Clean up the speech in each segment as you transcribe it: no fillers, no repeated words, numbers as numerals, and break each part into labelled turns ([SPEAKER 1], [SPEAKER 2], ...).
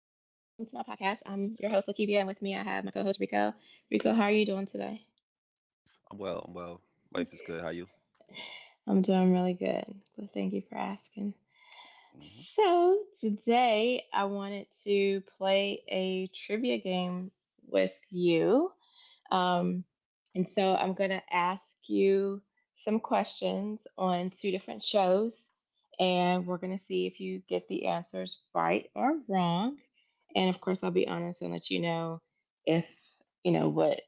[SPEAKER 1] I'm your host, Lakivia, and with me I have my co host, Rico. Rico, how are you doing today?
[SPEAKER 2] I'm well. I'm well. Life is good. How you?
[SPEAKER 1] I'm doing really good. Well, thank you for asking.
[SPEAKER 2] Hmm.
[SPEAKER 1] So, today I wanted to play a trivia game with you. Um, and so I'm going to ask you some questions on two different shows, and we're going to see if you get the answers right or wrong. And of course, I'll be honest and let you know if you know what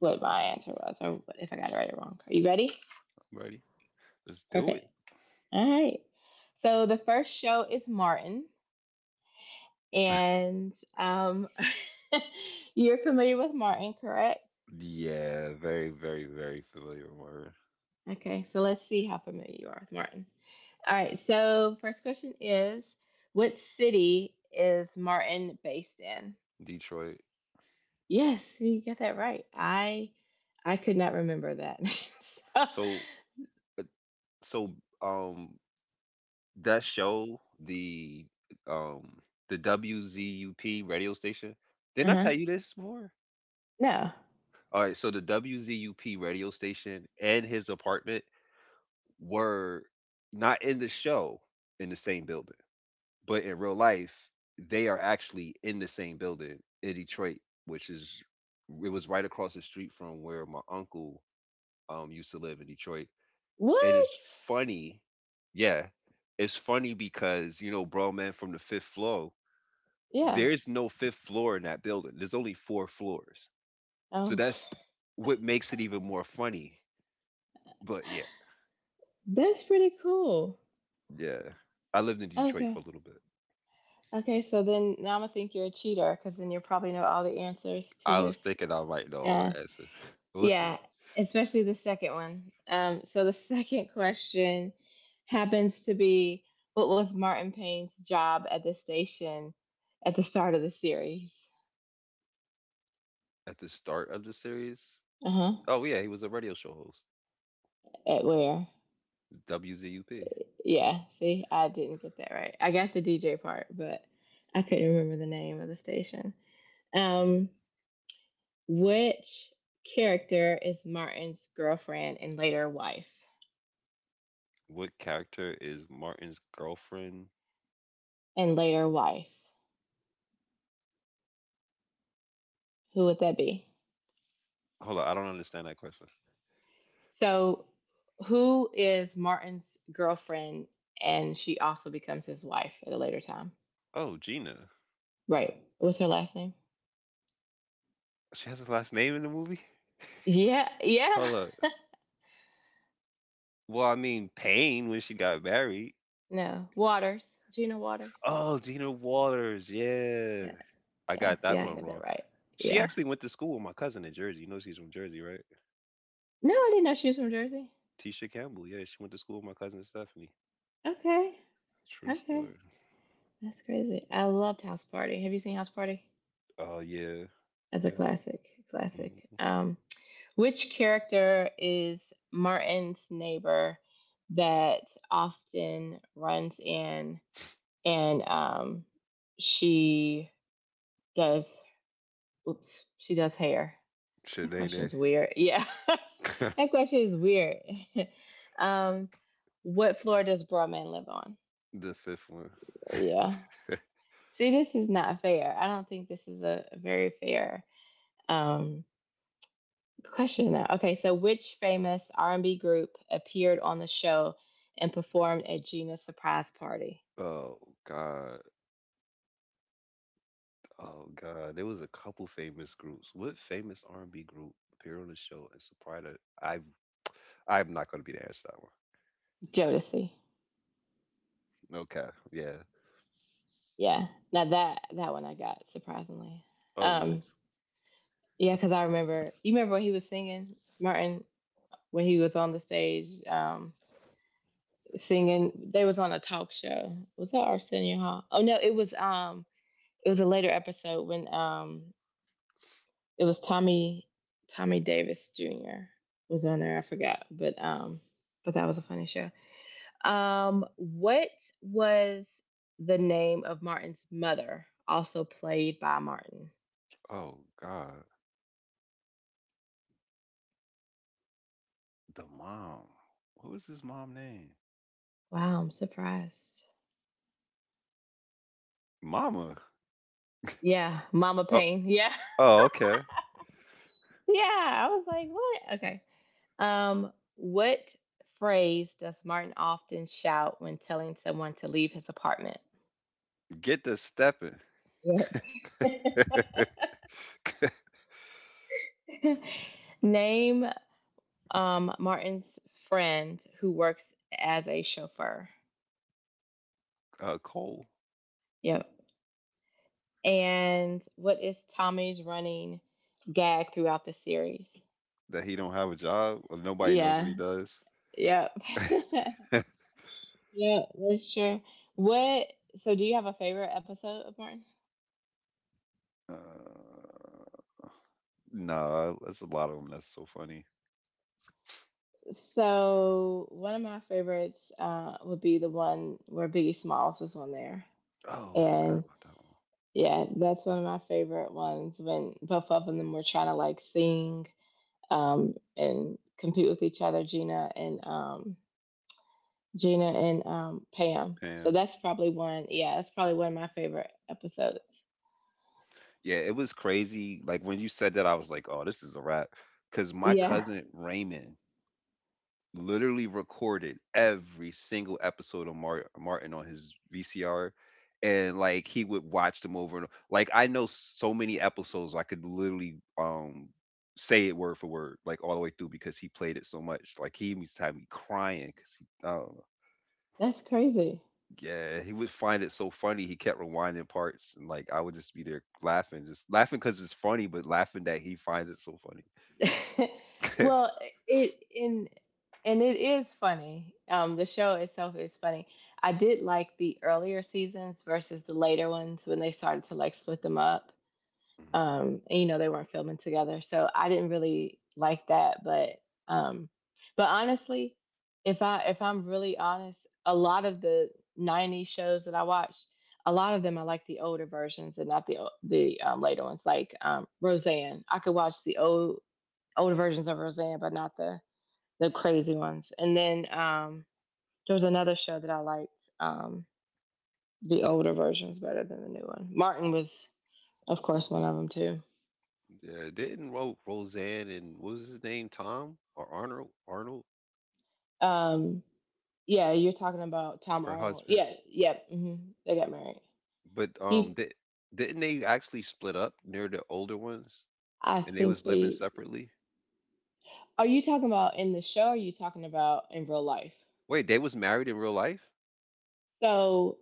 [SPEAKER 1] what my answer was, or what- if I got it right or wrong. Are you ready?
[SPEAKER 2] I'm ready. Let's do it.
[SPEAKER 1] Perfect. All right. So the first show is Martin, and you're familiar with Martin, correct?
[SPEAKER 2] Yeah, very, very, very familiar word.
[SPEAKER 1] Okay, so let's see how familiar you are with Martin. All right, so first question is, what city is Martin based in?
[SPEAKER 2] Detroit.
[SPEAKER 1] Yes, you got that right. I could not remember that. So,
[SPEAKER 2] So, so, um, that show, um, the WZUP radio station. Didn't I
[SPEAKER 1] uh-huh.
[SPEAKER 2] tell you this before?
[SPEAKER 1] No.
[SPEAKER 2] All right. So the WZUP radio station and his apartment were not in the show in the same building. But in real life, they are actually in the same building in Detroit, which is it was right across the street from where my uncle used to live in Detroit. And
[SPEAKER 1] What?
[SPEAKER 2] it's funny, yeah, it's funny because bro, man, from the fifth floor,
[SPEAKER 1] Yeah.
[SPEAKER 2] there's no fifth floor in that building. There's only four floors, so
[SPEAKER 1] Oh,
[SPEAKER 2] that's what makes it even more funny. But yeah,
[SPEAKER 1] that's pretty cool.
[SPEAKER 2] yeah, I lived in Detroit
[SPEAKER 1] Okay.
[SPEAKER 2] for a little bit.
[SPEAKER 1] Okay, so then now I'm gonna think you're a cheater, because then you probably know all the answers to
[SPEAKER 2] I was
[SPEAKER 1] this.
[SPEAKER 2] thinking I might know all
[SPEAKER 1] Uh,
[SPEAKER 2] the answers. But listen,
[SPEAKER 1] Yeah, especially the second one. So the second question happens to be, what was Martin Payne's job at the station at the start of the series?
[SPEAKER 2] at the start of the series,
[SPEAKER 1] Uh huh.
[SPEAKER 2] oh yeah, he was a radio show host.
[SPEAKER 1] At where?
[SPEAKER 2] WZUP.
[SPEAKER 1] Yeah, see, I didn't get that right. I got the DJ part, but I couldn't remember the name of the station.
[SPEAKER 2] Hmm.
[SPEAKER 1] Um, which character is Martin's girlfriend and later wife?
[SPEAKER 2] What character is Martin's girlfriend?
[SPEAKER 1] And later wife. Who would that be?
[SPEAKER 2] Hold on, I don't understand that question.
[SPEAKER 1] So, who is Martin's girlfriend, and she also becomes his wife at a later time?
[SPEAKER 2] Oh, Gina.
[SPEAKER 1] Right. What's her last name?
[SPEAKER 2] She has a last name in the movie?
[SPEAKER 1] Yeah, yeah.
[SPEAKER 2] Hold up. Well, I mean, Payne when she got married.
[SPEAKER 1] No, Waters. Gina Waters.
[SPEAKER 2] Oh, Gina Waters. Yeah.
[SPEAKER 1] Yeah,
[SPEAKER 2] I
[SPEAKER 1] yes,
[SPEAKER 2] got
[SPEAKER 1] yeah, see,
[SPEAKER 2] that
[SPEAKER 1] I
[SPEAKER 2] one
[SPEAKER 1] got
[SPEAKER 2] wrong.
[SPEAKER 1] that right.
[SPEAKER 2] She
[SPEAKER 1] Yeah.
[SPEAKER 2] actually went to school with my cousin in Jersey. You know she's from Jersey, right?
[SPEAKER 1] No, I didn't know she was from Jersey.
[SPEAKER 2] Tisha Campbell. Yeah, she went to school with my cousin Stephanie.
[SPEAKER 1] Okay,
[SPEAKER 2] True
[SPEAKER 1] okay.
[SPEAKER 2] story.
[SPEAKER 1] That's crazy. I loved House Party. Have you seen House Party?
[SPEAKER 2] Oh, yeah.
[SPEAKER 1] That's a
[SPEAKER 2] Yeah.
[SPEAKER 1] classic, classic.
[SPEAKER 2] Mm.
[SPEAKER 1] Um, Which character is Martin's neighbor that often runs in and she does, oops, she does hair? That
[SPEAKER 2] Shanae.
[SPEAKER 1] question's weird. Yeah. That question is weird. um, what floor does Broadman live on?
[SPEAKER 2] The fifth one.
[SPEAKER 1] Yeah. See, this is not fair. I don't think this is a very fair um, question now. Okay, so which famous R&B group appeared on the show and performed at Gina's surprise party?
[SPEAKER 2] Oh God, oh God! There was a couple famous groups. What famous R and B group appeared on the show and surprised her? I'm not going to be the answer to that
[SPEAKER 1] Jodeci.
[SPEAKER 2] one. Okay, yeah.
[SPEAKER 1] Yeah. Now that that one I got surprisingly.
[SPEAKER 2] Oh,
[SPEAKER 1] Um,
[SPEAKER 2] nice.
[SPEAKER 1] yeah, because I remember. You remember what he was singing, Martin, when he was on the stage singing. They was on a talk show. Was that Arsenio Hall? Oh no, it was a later episode when it was Tommy Davis Jr. was on there. I forgot, but that was a funny show. What was the name of Martin's mother, also played by Martin?
[SPEAKER 2] Oh God, the mom. What was his mom name?
[SPEAKER 1] Wow, I'm surprised.
[SPEAKER 2] Mama.
[SPEAKER 1] Yeah, Mama
[SPEAKER 2] Oh,
[SPEAKER 1] Payne. Yeah,
[SPEAKER 2] oh, okay.
[SPEAKER 1] yeah. I was like, what? Okay. Um, what phrase does Martin often shout when telling someone to leave his apartment?
[SPEAKER 2] Get the stepping.
[SPEAKER 1] Yeah. Name Martin's friend who works as a chauffeur.
[SPEAKER 2] Cole.
[SPEAKER 1] Yep. And what is Tommy's running gag throughout the series?
[SPEAKER 2] That he don't have a job or nobody knows what he
[SPEAKER 1] Yeah.
[SPEAKER 2] does.
[SPEAKER 1] Yep.
[SPEAKER 2] uh,
[SPEAKER 1] Yeah, that's true. What? So, do you have a favorite episode of Martin?
[SPEAKER 2] nah, that's a lot of them. That's so funny.
[SPEAKER 1] So, one of my favorites would be the one where Biggie Smalls was on there,
[SPEAKER 2] Oh, I forgot
[SPEAKER 1] and
[SPEAKER 2] about that one.
[SPEAKER 1] yeah, that's one of my favorite ones when both of them were trying to like sing and compete with each other, Gina and Pam. So that's probably one. Yeah, that's probably one of my favorite episodes.
[SPEAKER 2] Yeah, it was crazy. Like when you said that, I was like, "Oh, this is a wrap." Because my
[SPEAKER 1] Yeah,
[SPEAKER 2] cousin Raymond literally recorded every single episode of Martin on his VCR, and like he would watch them over and like I know so many episodes I could literally say it word for word, like all the way through because he played it so much. Like he used to have me crying because he, oh
[SPEAKER 1] that's crazy.
[SPEAKER 2] yeah, he would find it so funny. He kept rewinding parts, and like I would just be there laughing, just laughing because it's funny, but laughing that he finds it so funny.
[SPEAKER 1] Well, it in and it is funny. The show itself is funny. I did like the earlier seasons versus the later ones when they started to like split them up.
[SPEAKER 2] Mhm.
[SPEAKER 1] And you know, they weren't filming together, so I didn't really like that, um but honestly, if I'm really honest, a lot of the 90s shows that I watched, a lot of them I like the older versions and not the later ones, like Roseanne. I could watch the older versions of Roseanne, but not the crazy ones. And then there was another show that I liked, the older versions better than the new one. Martin was of course one of them too.
[SPEAKER 2] Yeah, didn't Roseanne and what was his name, Tom or Arnold? Arnold,
[SPEAKER 1] um Yeah, you're talking about Tom
[SPEAKER 2] her
[SPEAKER 1] Arnold.
[SPEAKER 2] husband.
[SPEAKER 1] Yeah, yep. Hmm. They got married.
[SPEAKER 2] But
[SPEAKER 1] He,
[SPEAKER 2] didn't they actually split up near the older ones,
[SPEAKER 1] I
[SPEAKER 2] and they
[SPEAKER 1] think
[SPEAKER 2] was living
[SPEAKER 1] they.
[SPEAKER 2] separately?
[SPEAKER 1] Are you talking about in the show? Or are you talking about in real life?
[SPEAKER 2] Wait, they was married in real life?
[SPEAKER 1] So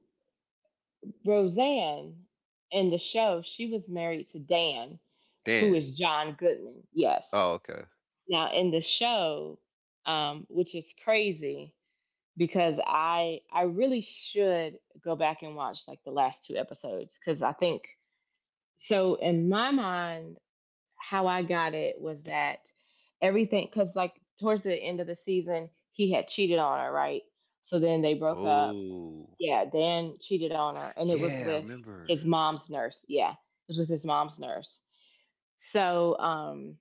[SPEAKER 1] Roseanne, in the show, she was married to Dan, who
[SPEAKER 2] Dan.
[SPEAKER 1] is John Goodman. Yes.
[SPEAKER 2] Oh, okay.
[SPEAKER 1] Now in the show, which is crazy, because I really should go back and watch like the last two episodes, because I think, so in my mind, how I got it was that everything, because like towards the end of the season he had cheated on her, right? So then they broke up.
[SPEAKER 2] Oh,
[SPEAKER 1] Yeah, Dan cheated on her, and it was
[SPEAKER 2] yeah, I
[SPEAKER 1] with
[SPEAKER 2] remember.
[SPEAKER 1] his mom's nurse. Yeah, it was with his mom's nurse. So,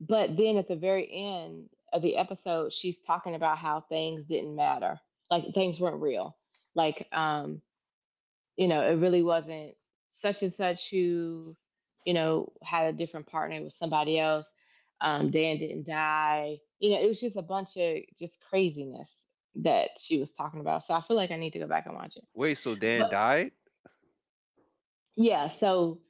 [SPEAKER 1] but then at the very end of the episode, she's talking about how things didn't matter, like things weren't real. Like, you know, it really wasn't such and such who, you know, had a different partner with somebody else. Dan didn't die. You know, it was just a bunch of just craziness that she was talking about. So I feel like I need to go back and watch it.
[SPEAKER 2] Wait, so Dan
[SPEAKER 1] But
[SPEAKER 2] died?
[SPEAKER 1] yeah, so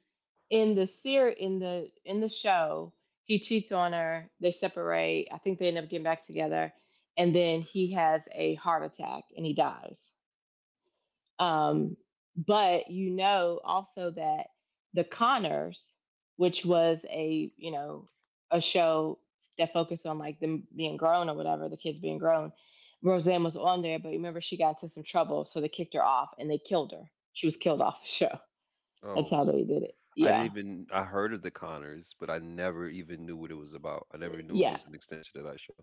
[SPEAKER 1] in the ser in the show, he cheats on her. They separate. I think they end up getting back together, and then he has a heart attack and he dies. Um, but you know also that the Connors, which was a you know a show that focused on like them being grown or whatever, the kids being grown. Roseanne was on there, but remember she got into some trouble, so they kicked her off and they killed her. She was killed off the show. That's
[SPEAKER 2] Oh,
[SPEAKER 1] how they did it.
[SPEAKER 2] I didn't
[SPEAKER 1] Yeah,
[SPEAKER 2] even I heard of the Conners, but I never even knew what it was about. I never knew it
[SPEAKER 1] yeah.
[SPEAKER 2] was an extension of that show.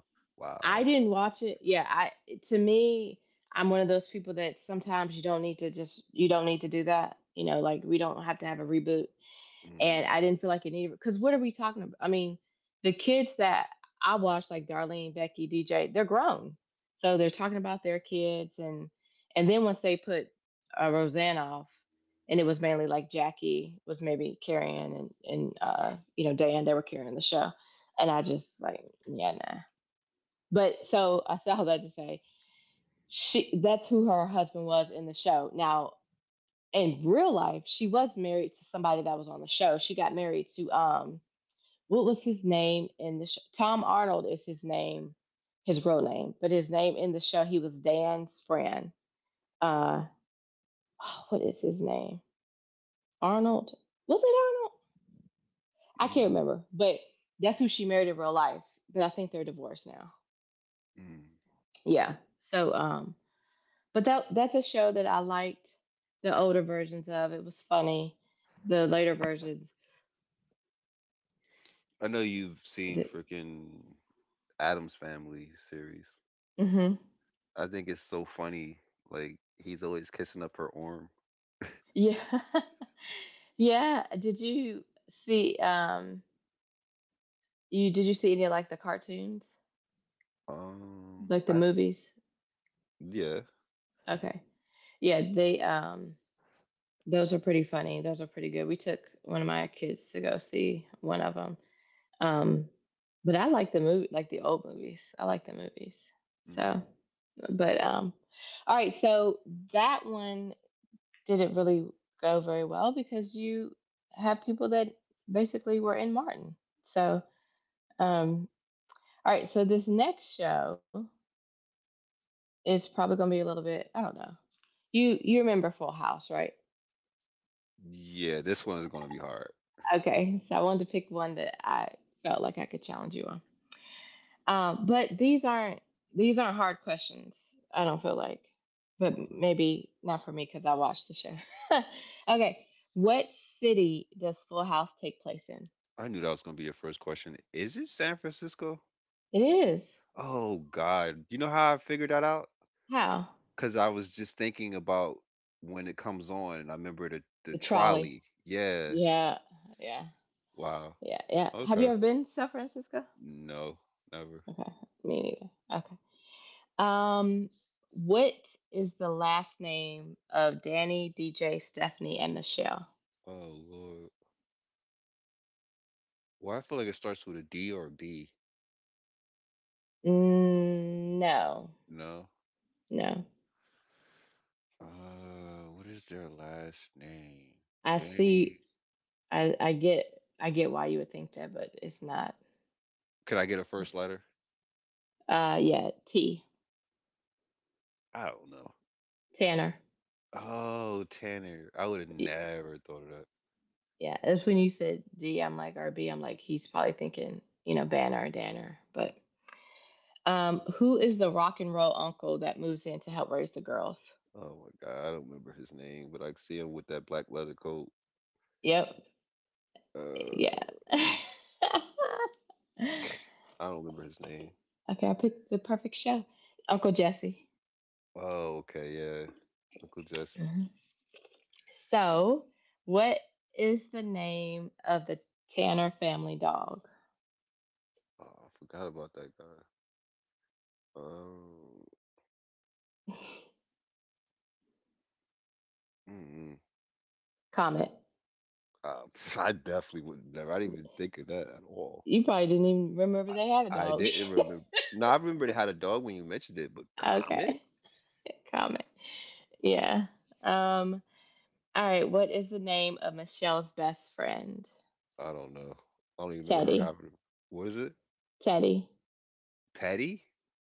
[SPEAKER 1] I
[SPEAKER 2] Wow.
[SPEAKER 1] didn't watch it. Yeah, I to me, I'm one of those people that sometimes you don't need to do that. You know, like we don't have to have a reboot.
[SPEAKER 2] Mm.
[SPEAKER 1] And I didn't feel like it needed, because what are we talking about? I mean, the kids that I watch, like Darlene, Becky, DJ, they're grown, so they're talking about their kids. And then once they put Roseanne off, and it was mainly like Jackie was maybe carrying, and you know, Dan, they were carrying the show. And I just like, yeah, nah. But so I saw that to say, she that's who her husband was in the show. Now in real life, she was married to somebody that was on the show. She got married to what was his name in the show? Tom Arnold is his name, his real name, but his name in the show, he was Dan's friend. Uh, oh, what is his name? Arnold? Was it Arnold? I can't
[SPEAKER 2] Mm.
[SPEAKER 1] remember, but that's who she married in real life. But I think they're divorced now.
[SPEAKER 2] Mm.
[SPEAKER 1] Yeah. So, but that's a show that I liked the older versions of. It was funny. The later versions.
[SPEAKER 2] I know you've seen
[SPEAKER 1] Did,
[SPEAKER 2] freaking Adam's Family series.
[SPEAKER 1] hmm.
[SPEAKER 2] I think it's so funny. Like he's always kissing up her arm.
[SPEAKER 1] Yeah. Yeah. Did you see? You did, you see any of like the cartoons, like the
[SPEAKER 2] I
[SPEAKER 1] movies?
[SPEAKER 2] yeah,
[SPEAKER 1] Okay, yeah, they those are pretty funny. Those are pretty good. We took one of my kids to go see one of them. Um, but I like the movie, like the old movies. I like the movies. So,
[SPEAKER 2] mm
[SPEAKER 1] but all right. So that one didn't really go very well, because you have people that basically were in Martin. So um, all right. So this next show, it's probably gonna be a little bit. I don't know. You remember Full House, right?
[SPEAKER 2] yeah. This one is gonna be hard.
[SPEAKER 1] Okay, so I wanted to pick one that I felt like I could challenge you on. But these aren't hard questions. I don't feel like, but
[SPEAKER 2] Okay.
[SPEAKER 1] maybe not for me, because I watched the show. Okay, what city does Full House take place in?
[SPEAKER 2] I knew that was gonna be your first question. Is it San Francisco?
[SPEAKER 1] It is,
[SPEAKER 2] Oh God, you know how I figured that out?
[SPEAKER 1] how?
[SPEAKER 2] Cause I was just thinking about when it comes on, and I remember the
[SPEAKER 1] The trolley.
[SPEAKER 2] trolley. Yeah.
[SPEAKER 1] Yeah, yeah,
[SPEAKER 2] Wow.
[SPEAKER 1] yeah, yeah. Have you
[SPEAKER 2] Okay.
[SPEAKER 1] ever been to San Francisco?
[SPEAKER 2] No, never.
[SPEAKER 1] Okay, me neither. Okay. Um, what is the last name of Danny, DJ, Stephanie, and Michelle?
[SPEAKER 2] Oh Lord. Well, I feel like it starts with a D or a B.
[SPEAKER 1] Mm, no,
[SPEAKER 2] No.
[SPEAKER 1] no.
[SPEAKER 2] What is their last name?
[SPEAKER 1] I see.
[SPEAKER 2] Danny.
[SPEAKER 1] I I get. I get why you would think that, but it's not.
[SPEAKER 2] Could I get a first letter?
[SPEAKER 1] Yeah. T.
[SPEAKER 2] I don't know.
[SPEAKER 1] Tanner.
[SPEAKER 2] Oh, Tanner. I would have
[SPEAKER 1] Y-
[SPEAKER 2] never thought of that.
[SPEAKER 1] Yeah, that's when you said D. I'm like, or B. I'm like, he's probably thinking, you know, Banner or Danner. But who is the rock and roll uncle that moves in to help raise the girls?
[SPEAKER 2] Oh my God, I don't remember his name, but I can see him with that black leather coat.
[SPEAKER 1] Yep. Yeah.
[SPEAKER 2] Uh, I don't remember his name.
[SPEAKER 1] Okay, I picked the perfect show. Uncle Jesse.
[SPEAKER 2] Oh, okay, yeah. Uncle Jesse.
[SPEAKER 1] Mm-hmm. So, what is the name of the Tanner family dog?
[SPEAKER 2] Oh, I forgot about that guy. Um, mm-mm.
[SPEAKER 1] Comet.
[SPEAKER 2] I definitely would never. I didn't even think of that at all.
[SPEAKER 1] You probably didn't even remember
[SPEAKER 2] I,
[SPEAKER 1] they had a
[SPEAKER 2] I
[SPEAKER 1] dog.
[SPEAKER 2] didn't remember. No, I remember they had a dog when you mentioned it, but Comet?
[SPEAKER 1] Okay. Comet. Yeah. Um. All right. What is the name of Michelle's best friend?
[SPEAKER 2] I don't know. I don't even remember her
[SPEAKER 1] Teddy.
[SPEAKER 2] having. What is it?
[SPEAKER 1] Teddy.
[SPEAKER 2] Petty?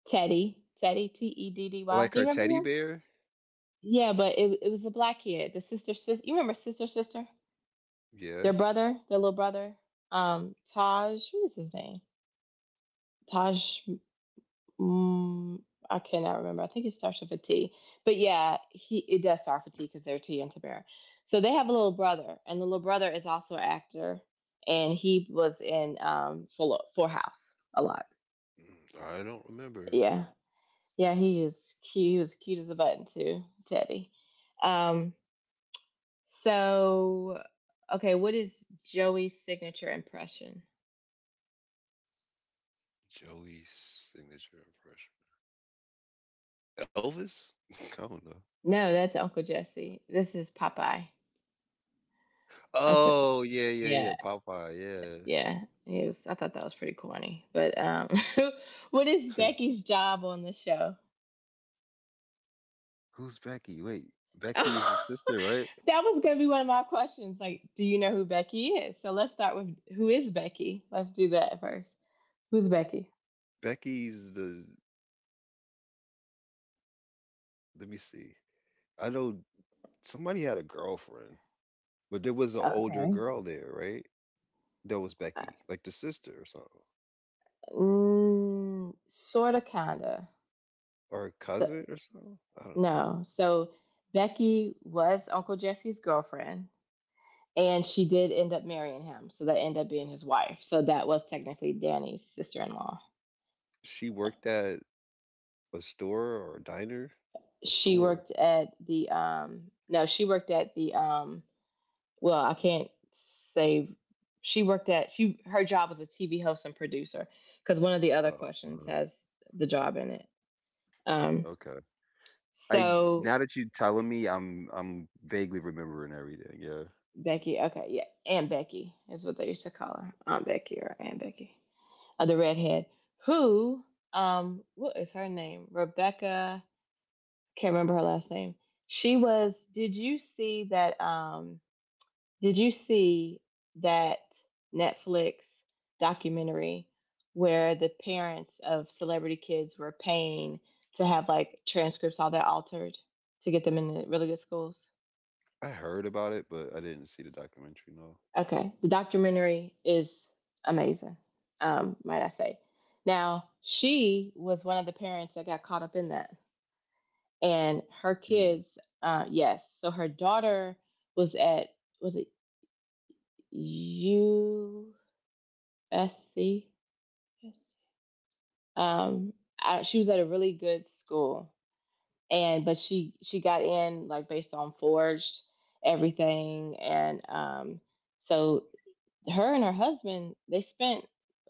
[SPEAKER 1] Teddy. Teddy. T E D D Y.
[SPEAKER 2] Like
[SPEAKER 1] Do
[SPEAKER 2] her
[SPEAKER 1] you remember
[SPEAKER 2] teddy
[SPEAKER 1] him?
[SPEAKER 2] bear?
[SPEAKER 1] Yeah, but it was the black kid, the sister sister. You remember sister sister?
[SPEAKER 2] Yeah.
[SPEAKER 1] Their brother, their little brother, Taj. What is his name? Taj. Mm, I cannot remember. I think it starts with a T. But yeah, he it does start with a T because they're T and Tamara. So they have a little brother, and the little brother is also an actor, and he was in Full House a lot.
[SPEAKER 2] I don't remember
[SPEAKER 1] Yeah, yeah, he is cute. He was cute as a button too, Teddy. Um, so okay, what is Joey's signature impression?
[SPEAKER 2] Joey's signature impression. Elvis? I don't know.
[SPEAKER 1] No, that's Uncle Jesse. This is Popeye. Uncle,
[SPEAKER 2] Oh yeah, yeah,
[SPEAKER 1] yeah,
[SPEAKER 2] yeah. Popeye. Yeah.
[SPEAKER 1] yeah. I thought that was pretty corny. But what is Becky's job on the show?
[SPEAKER 2] Who's Becky? Wait,
[SPEAKER 1] That
[SPEAKER 2] Becky is the sister, right?
[SPEAKER 1] was going to be one of my questions. Like, do you know who Becky is? So let's start with who is Becky? Let's do that first. Who's Becky?
[SPEAKER 2] Becky's the. Let me see. I know somebody had a girlfriend, but there was an older
[SPEAKER 1] Okay.
[SPEAKER 2] girl there, right? That was
[SPEAKER 1] Uh,
[SPEAKER 2] Becky, like the sister or something,
[SPEAKER 1] sort of, kind of.
[SPEAKER 2] or a
[SPEAKER 1] So,
[SPEAKER 2] cousin or something. I don't know.
[SPEAKER 1] no. So Becky was Uncle Jesse's girlfriend, and she did end up marrying him, so that ended up being his wife, so that was technically Danny's sister-in-law.
[SPEAKER 2] She worked at a store or a diner, a
[SPEAKER 1] She
[SPEAKER 2] store.
[SPEAKER 1] worked at the no, she worked at the well, I can't say. She worked at she her job was a TV host and producer, because one of the other
[SPEAKER 2] Oh,
[SPEAKER 1] questions
[SPEAKER 2] uh,
[SPEAKER 1] has the job in it. um
[SPEAKER 2] okay. I Now
[SPEAKER 1] so
[SPEAKER 2] that you're telling me, I'm vaguely remembering everything. Yeah,
[SPEAKER 1] Becky, okay, yeah, Aunt Becky is what they used to call her, Aunt Becky or Aunt Becky. The redhead who, what is her name? Rebecca. Can't remember her last name. She was. Did you see that? Did you see that Netflix documentary where the parents of celebrity kids were paying to have like transcripts all that altered to get them into really good schools?
[SPEAKER 2] I heard about it, but I didn't see the documentary. No.
[SPEAKER 1] Okay, the documentary is amazing. Might I say? Now she was one of the parents that got caught up in that, and her
[SPEAKER 2] Hmm.
[SPEAKER 1] kids, yes, so her daughter was at, was it USC, um she was at a really good school, and but she got in like based on forged everything, and so her and her husband, they spent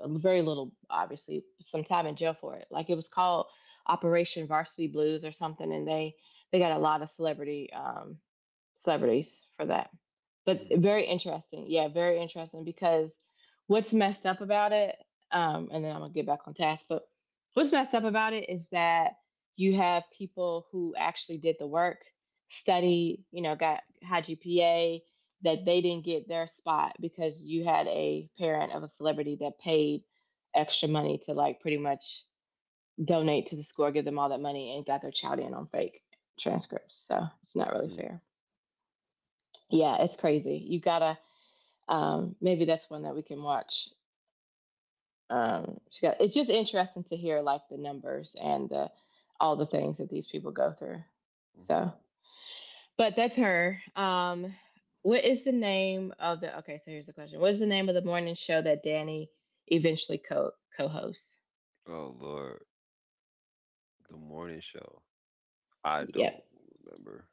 [SPEAKER 1] very little, obviously, some time in jail for it. Like it was called Operation Varsity Blues or something, and they got a lot of celebrity, celebrities for that. But
[SPEAKER 2] Hmm.
[SPEAKER 1] very interesting. Yeah, very interesting because what's messed up about it, and then I'm gonna get back on task, but what's messed up about it is that you have people who actually did the work, studied, you know, got high GPA, that they didn't get their spot because you had a parent of a celebrity that paid extra money to like pretty much donate to the school, give them all that money and got their child in on fake transcripts. So it's not really
[SPEAKER 2] Hmm.
[SPEAKER 1] fair. Yeah, it's crazy. You gotta maybe that's one that we can watch. She got, it's just interesting to hear like the numbers and the all the things that these people go through.
[SPEAKER 2] Hmm.
[SPEAKER 1] So but that's her. What is the name of the Okay, so here's the question. What is the name of the morning show that Danny eventually co hosts?
[SPEAKER 2] Oh Lord, the morning show. I don't
[SPEAKER 1] Yep.
[SPEAKER 2] remember.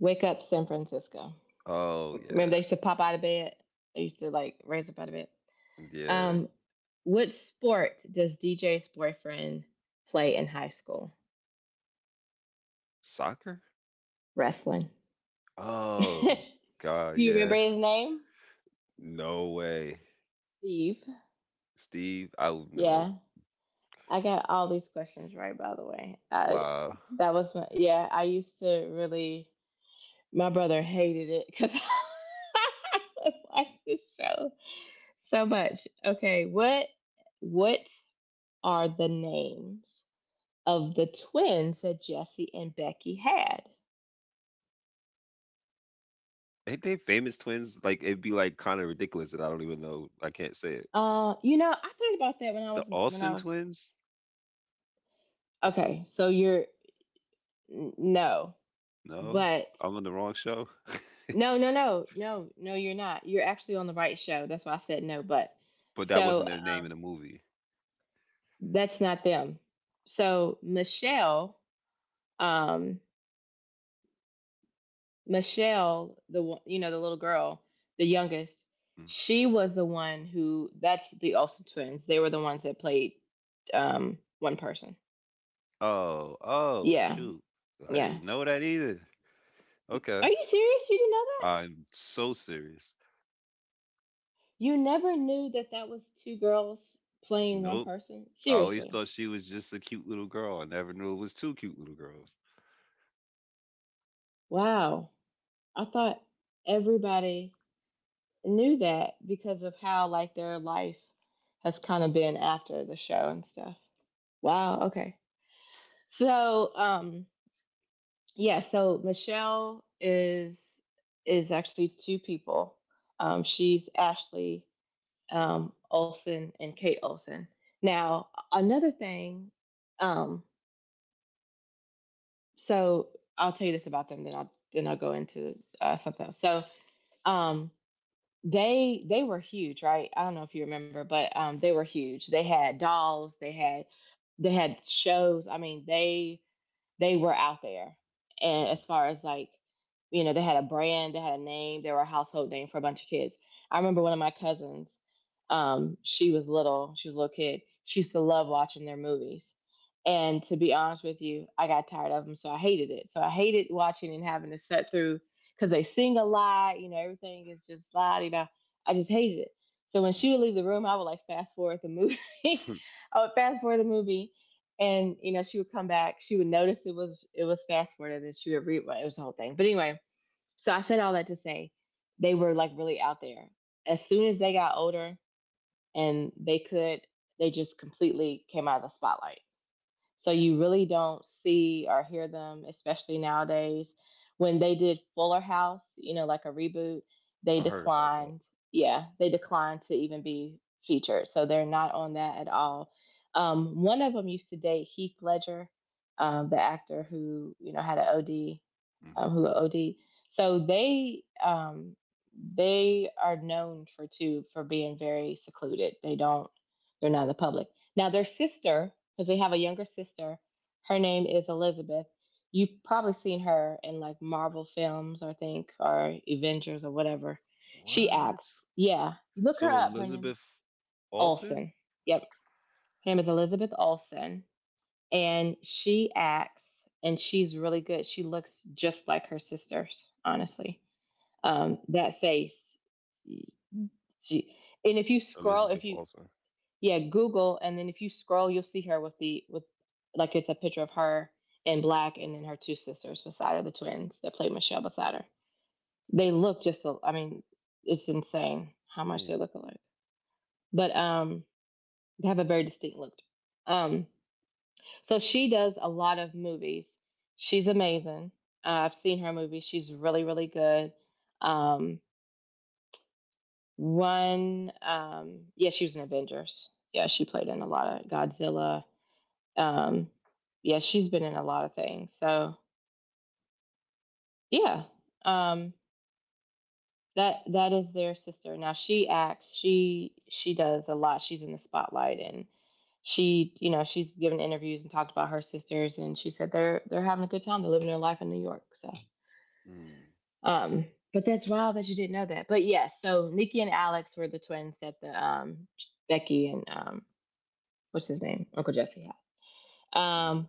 [SPEAKER 1] Wake up San Francisco.
[SPEAKER 2] Oh
[SPEAKER 1] Remember they
[SPEAKER 2] yeah,
[SPEAKER 1] used to pop out of bed? They used to like raise up out of bed.
[SPEAKER 2] yeah.
[SPEAKER 1] Um, what sport does DJ's boyfriend play in high school?
[SPEAKER 2] Soccer?
[SPEAKER 1] Wrestling. Do
[SPEAKER 2] Oh God,
[SPEAKER 1] you remember
[SPEAKER 2] yeah.
[SPEAKER 1] his name?
[SPEAKER 2] No way,
[SPEAKER 1] Steve.
[SPEAKER 2] Steve. I don't
[SPEAKER 1] Yeah.
[SPEAKER 2] know.
[SPEAKER 1] I got all these questions right, by the way. I,
[SPEAKER 2] Wow.
[SPEAKER 1] that was, my, yeah, I used to really, my brother hated it because I watched this show so much. What are the names of the twins that Jesse and Becky had?
[SPEAKER 2] Ain't they famous twins? Like it'd be like kind of ridiculous that I don't even know. I can't say it.
[SPEAKER 1] You know, I thought about that when
[SPEAKER 2] The Olsen
[SPEAKER 1] I was
[SPEAKER 2] twins?
[SPEAKER 1] okay. So you're no,
[SPEAKER 2] No,
[SPEAKER 1] but
[SPEAKER 2] I'm on the wrong show.
[SPEAKER 1] no, no, no, no, no. You're not. You're actually on the right show. That's why I said no. But
[SPEAKER 2] But that wasn't
[SPEAKER 1] so
[SPEAKER 2] their name in the movie.
[SPEAKER 1] that's not them. So Michelle, um, Michelle, the one, you know, the little girl, the
[SPEAKER 2] Mm.
[SPEAKER 1] youngest, she was the one who. That's the Olsen twins. They were the ones that played one person.
[SPEAKER 2] Oh, oh
[SPEAKER 1] Yeah,
[SPEAKER 2] shoot. I didn't
[SPEAKER 1] yeah.
[SPEAKER 2] know that either. Okay.
[SPEAKER 1] Are you serious? You didn't know that?
[SPEAKER 2] I'm so serious.
[SPEAKER 1] You never knew that that was two girls playing one
[SPEAKER 2] Nope.
[SPEAKER 1] person?
[SPEAKER 2] I always
[SPEAKER 1] Seriously.
[SPEAKER 2] thought she was just a cute little girl. I never knew it was two cute little girls.
[SPEAKER 1] Wow. I thought everybody knew that because of how like their life has kind of been after the show and stuff. Wow, okay. So, um yeah, so Michelle is actually two people. She's Ashley Olson and Kate Olson. Now, another thing, um so I'll tell you this about them, then I'll go into something else. Um, they were huge, right? I don't know if you remember, but they were huge. They had dolls, they had shows. I mean, they were out there. And as far as like, you know, they had a brand, they had a name, they were a household name for a bunch of kids. I remember one of my cousins, she was little, she was a little kid. She used to love watching their movies. And to be honest with you, I got tired of them, so I hated it. So I hated watching and having to sit through because they sing a lot, you know, everything is just la di da. I just hated it. So when she
[SPEAKER 2] Hmm.
[SPEAKER 1] would leave the room, I would like fast forward the movie.
[SPEAKER 2] Hmm.
[SPEAKER 1] I would fast forward the movie, and you know she would come back, she would notice it was fast forwarded, and she would read well, it was the whole thing, but anyway, so I said all that to say they were like really out there. As soon as they got older and they just completely came out of the spotlight, so you really don't see or hear them, especially nowadays. When they did Fuller House, you know, like a reboot, they
[SPEAKER 2] I heard about that.
[SPEAKER 1] declined. Yeah, they declined to even be featured. So they're not on that at all. One of them used to date Heath Ledger, the actor who, you know, had an OD,
[SPEAKER 2] Hmm.
[SPEAKER 1] who OD. So they um, they are known for too for being very secluded. They don't they're not in the public. Now their sister, because they have a younger sister, her name is Elizabeth. You've probably seen her in like Marvel films, I think, or Avengers or whatever. She
[SPEAKER 2] What?
[SPEAKER 1] acts. Yeah, you look her
[SPEAKER 2] So
[SPEAKER 1] up. Her name is
[SPEAKER 2] Elizabeth Olsen?
[SPEAKER 1] Olsen. Yep, her name is Elizabeth Olsen and she acts, and she's really good. She looks just like her sisters, honestly. That face, she and if
[SPEAKER 2] Elizabeth
[SPEAKER 1] you
[SPEAKER 2] Olsen.
[SPEAKER 1] yeah, google, and then if you scroll you'll see her with the with like it's a picture of her in black and then her two sisters beside her, the twins that play Michelle beside her. They look just, I mean, it's insane how much
[SPEAKER 2] Hmm.
[SPEAKER 1] they look alike. But they have a very distinct look. um So she does a lot of movies. She's amazing. I've seen her movie. She's really, really good. Um, yeah, she was in Avengers. Yeah, she played in a lot of Godzilla. Um, yeah, she's been in a lot of things. Yeah, um, that that is their sister. Now she acts. She does a lot. She's in the spotlight, and she you know she's given interviews and talked about her sisters, and she said they're having a good time. They're living their life in New York.
[SPEAKER 2] Hmm.
[SPEAKER 1] Um, but that's wild that you didn't know that. But yes, so Nikki and Alex were the twins that the Becky and what's his name, Uncle Jesse, had.
[SPEAKER 2] Hmm.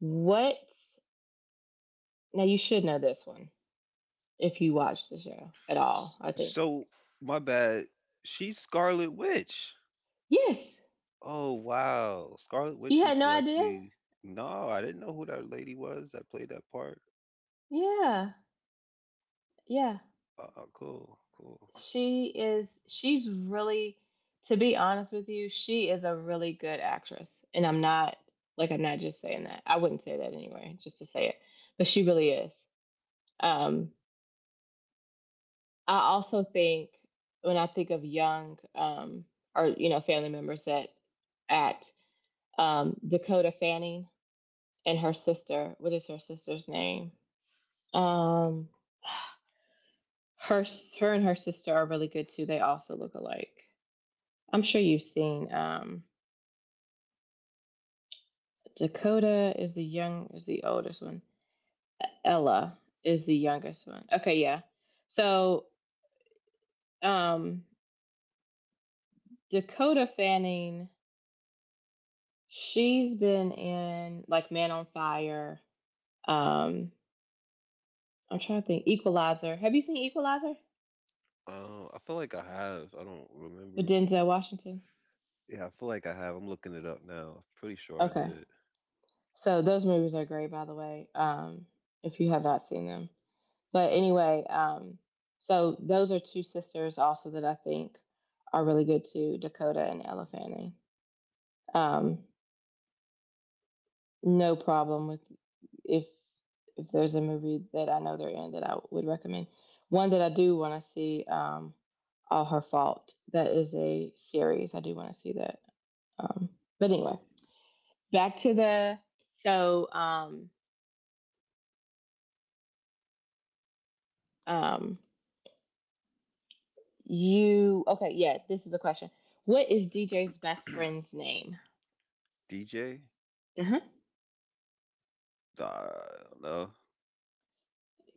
[SPEAKER 1] What? Now you should know this one if you watch the show at all.
[SPEAKER 2] S-
[SPEAKER 1] I think.
[SPEAKER 2] So my bad. She's Scarlet Witch.
[SPEAKER 1] Yes,
[SPEAKER 2] Oh wow, Scarlet
[SPEAKER 1] you
[SPEAKER 2] Witch
[SPEAKER 1] had no
[SPEAKER 2] is
[SPEAKER 1] idea.
[SPEAKER 2] actually no. I didn't know who that lady was that played that part.
[SPEAKER 1] Yeah, yeah.
[SPEAKER 2] Cool, cool.
[SPEAKER 1] She is. She's really. To be honest with you, she is a really good actress, and I'm not like I'm not just saying that. I wouldn't say that anyway, just to say it, but she really is.
[SPEAKER 2] Mm.
[SPEAKER 1] Um, I also think when I think of young, or you know family members that act, Dakota Fanning and her sister. What is her sister's name? Um, her her and her sister are really good too. They also look alike. I'm sure you've seen, Dakota is the young is the oldest one. Ella is the youngest one. Okay, yeah. So um, Dakota Fanning, she's been in like Man on Fire. Um, I'm trying to think. Equalizer. Have you seen Equalizer
[SPEAKER 2] Oh, I feel like I have. I don't
[SPEAKER 1] with
[SPEAKER 2] remember.
[SPEAKER 1] Denzel Washington?
[SPEAKER 2] Yeah, I feel like I have. I'm looking it up now. I'm pretty sure I
[SPEAKER 1] Okay,
[SPEAKER 2] did.
[SPEAKER 1] so those movies are great, by the way. If you have not seen them, but anyway, so those are two sisters also that I think are really good too, Dakota and Ella Fanning. Um, No problem with if if there's a movie that I know they're in that I would recommend. One that I do want to see, All Her Fault. That is a series. I do want to see that. Um, but anyway, back to the so um you okay, yeah, this is a question. What is DJ's best friend's name?
[SPEAKER 2] DJ?
[SPEAKER 1] Uh-huh.
[SPEAKER 2] I don't know.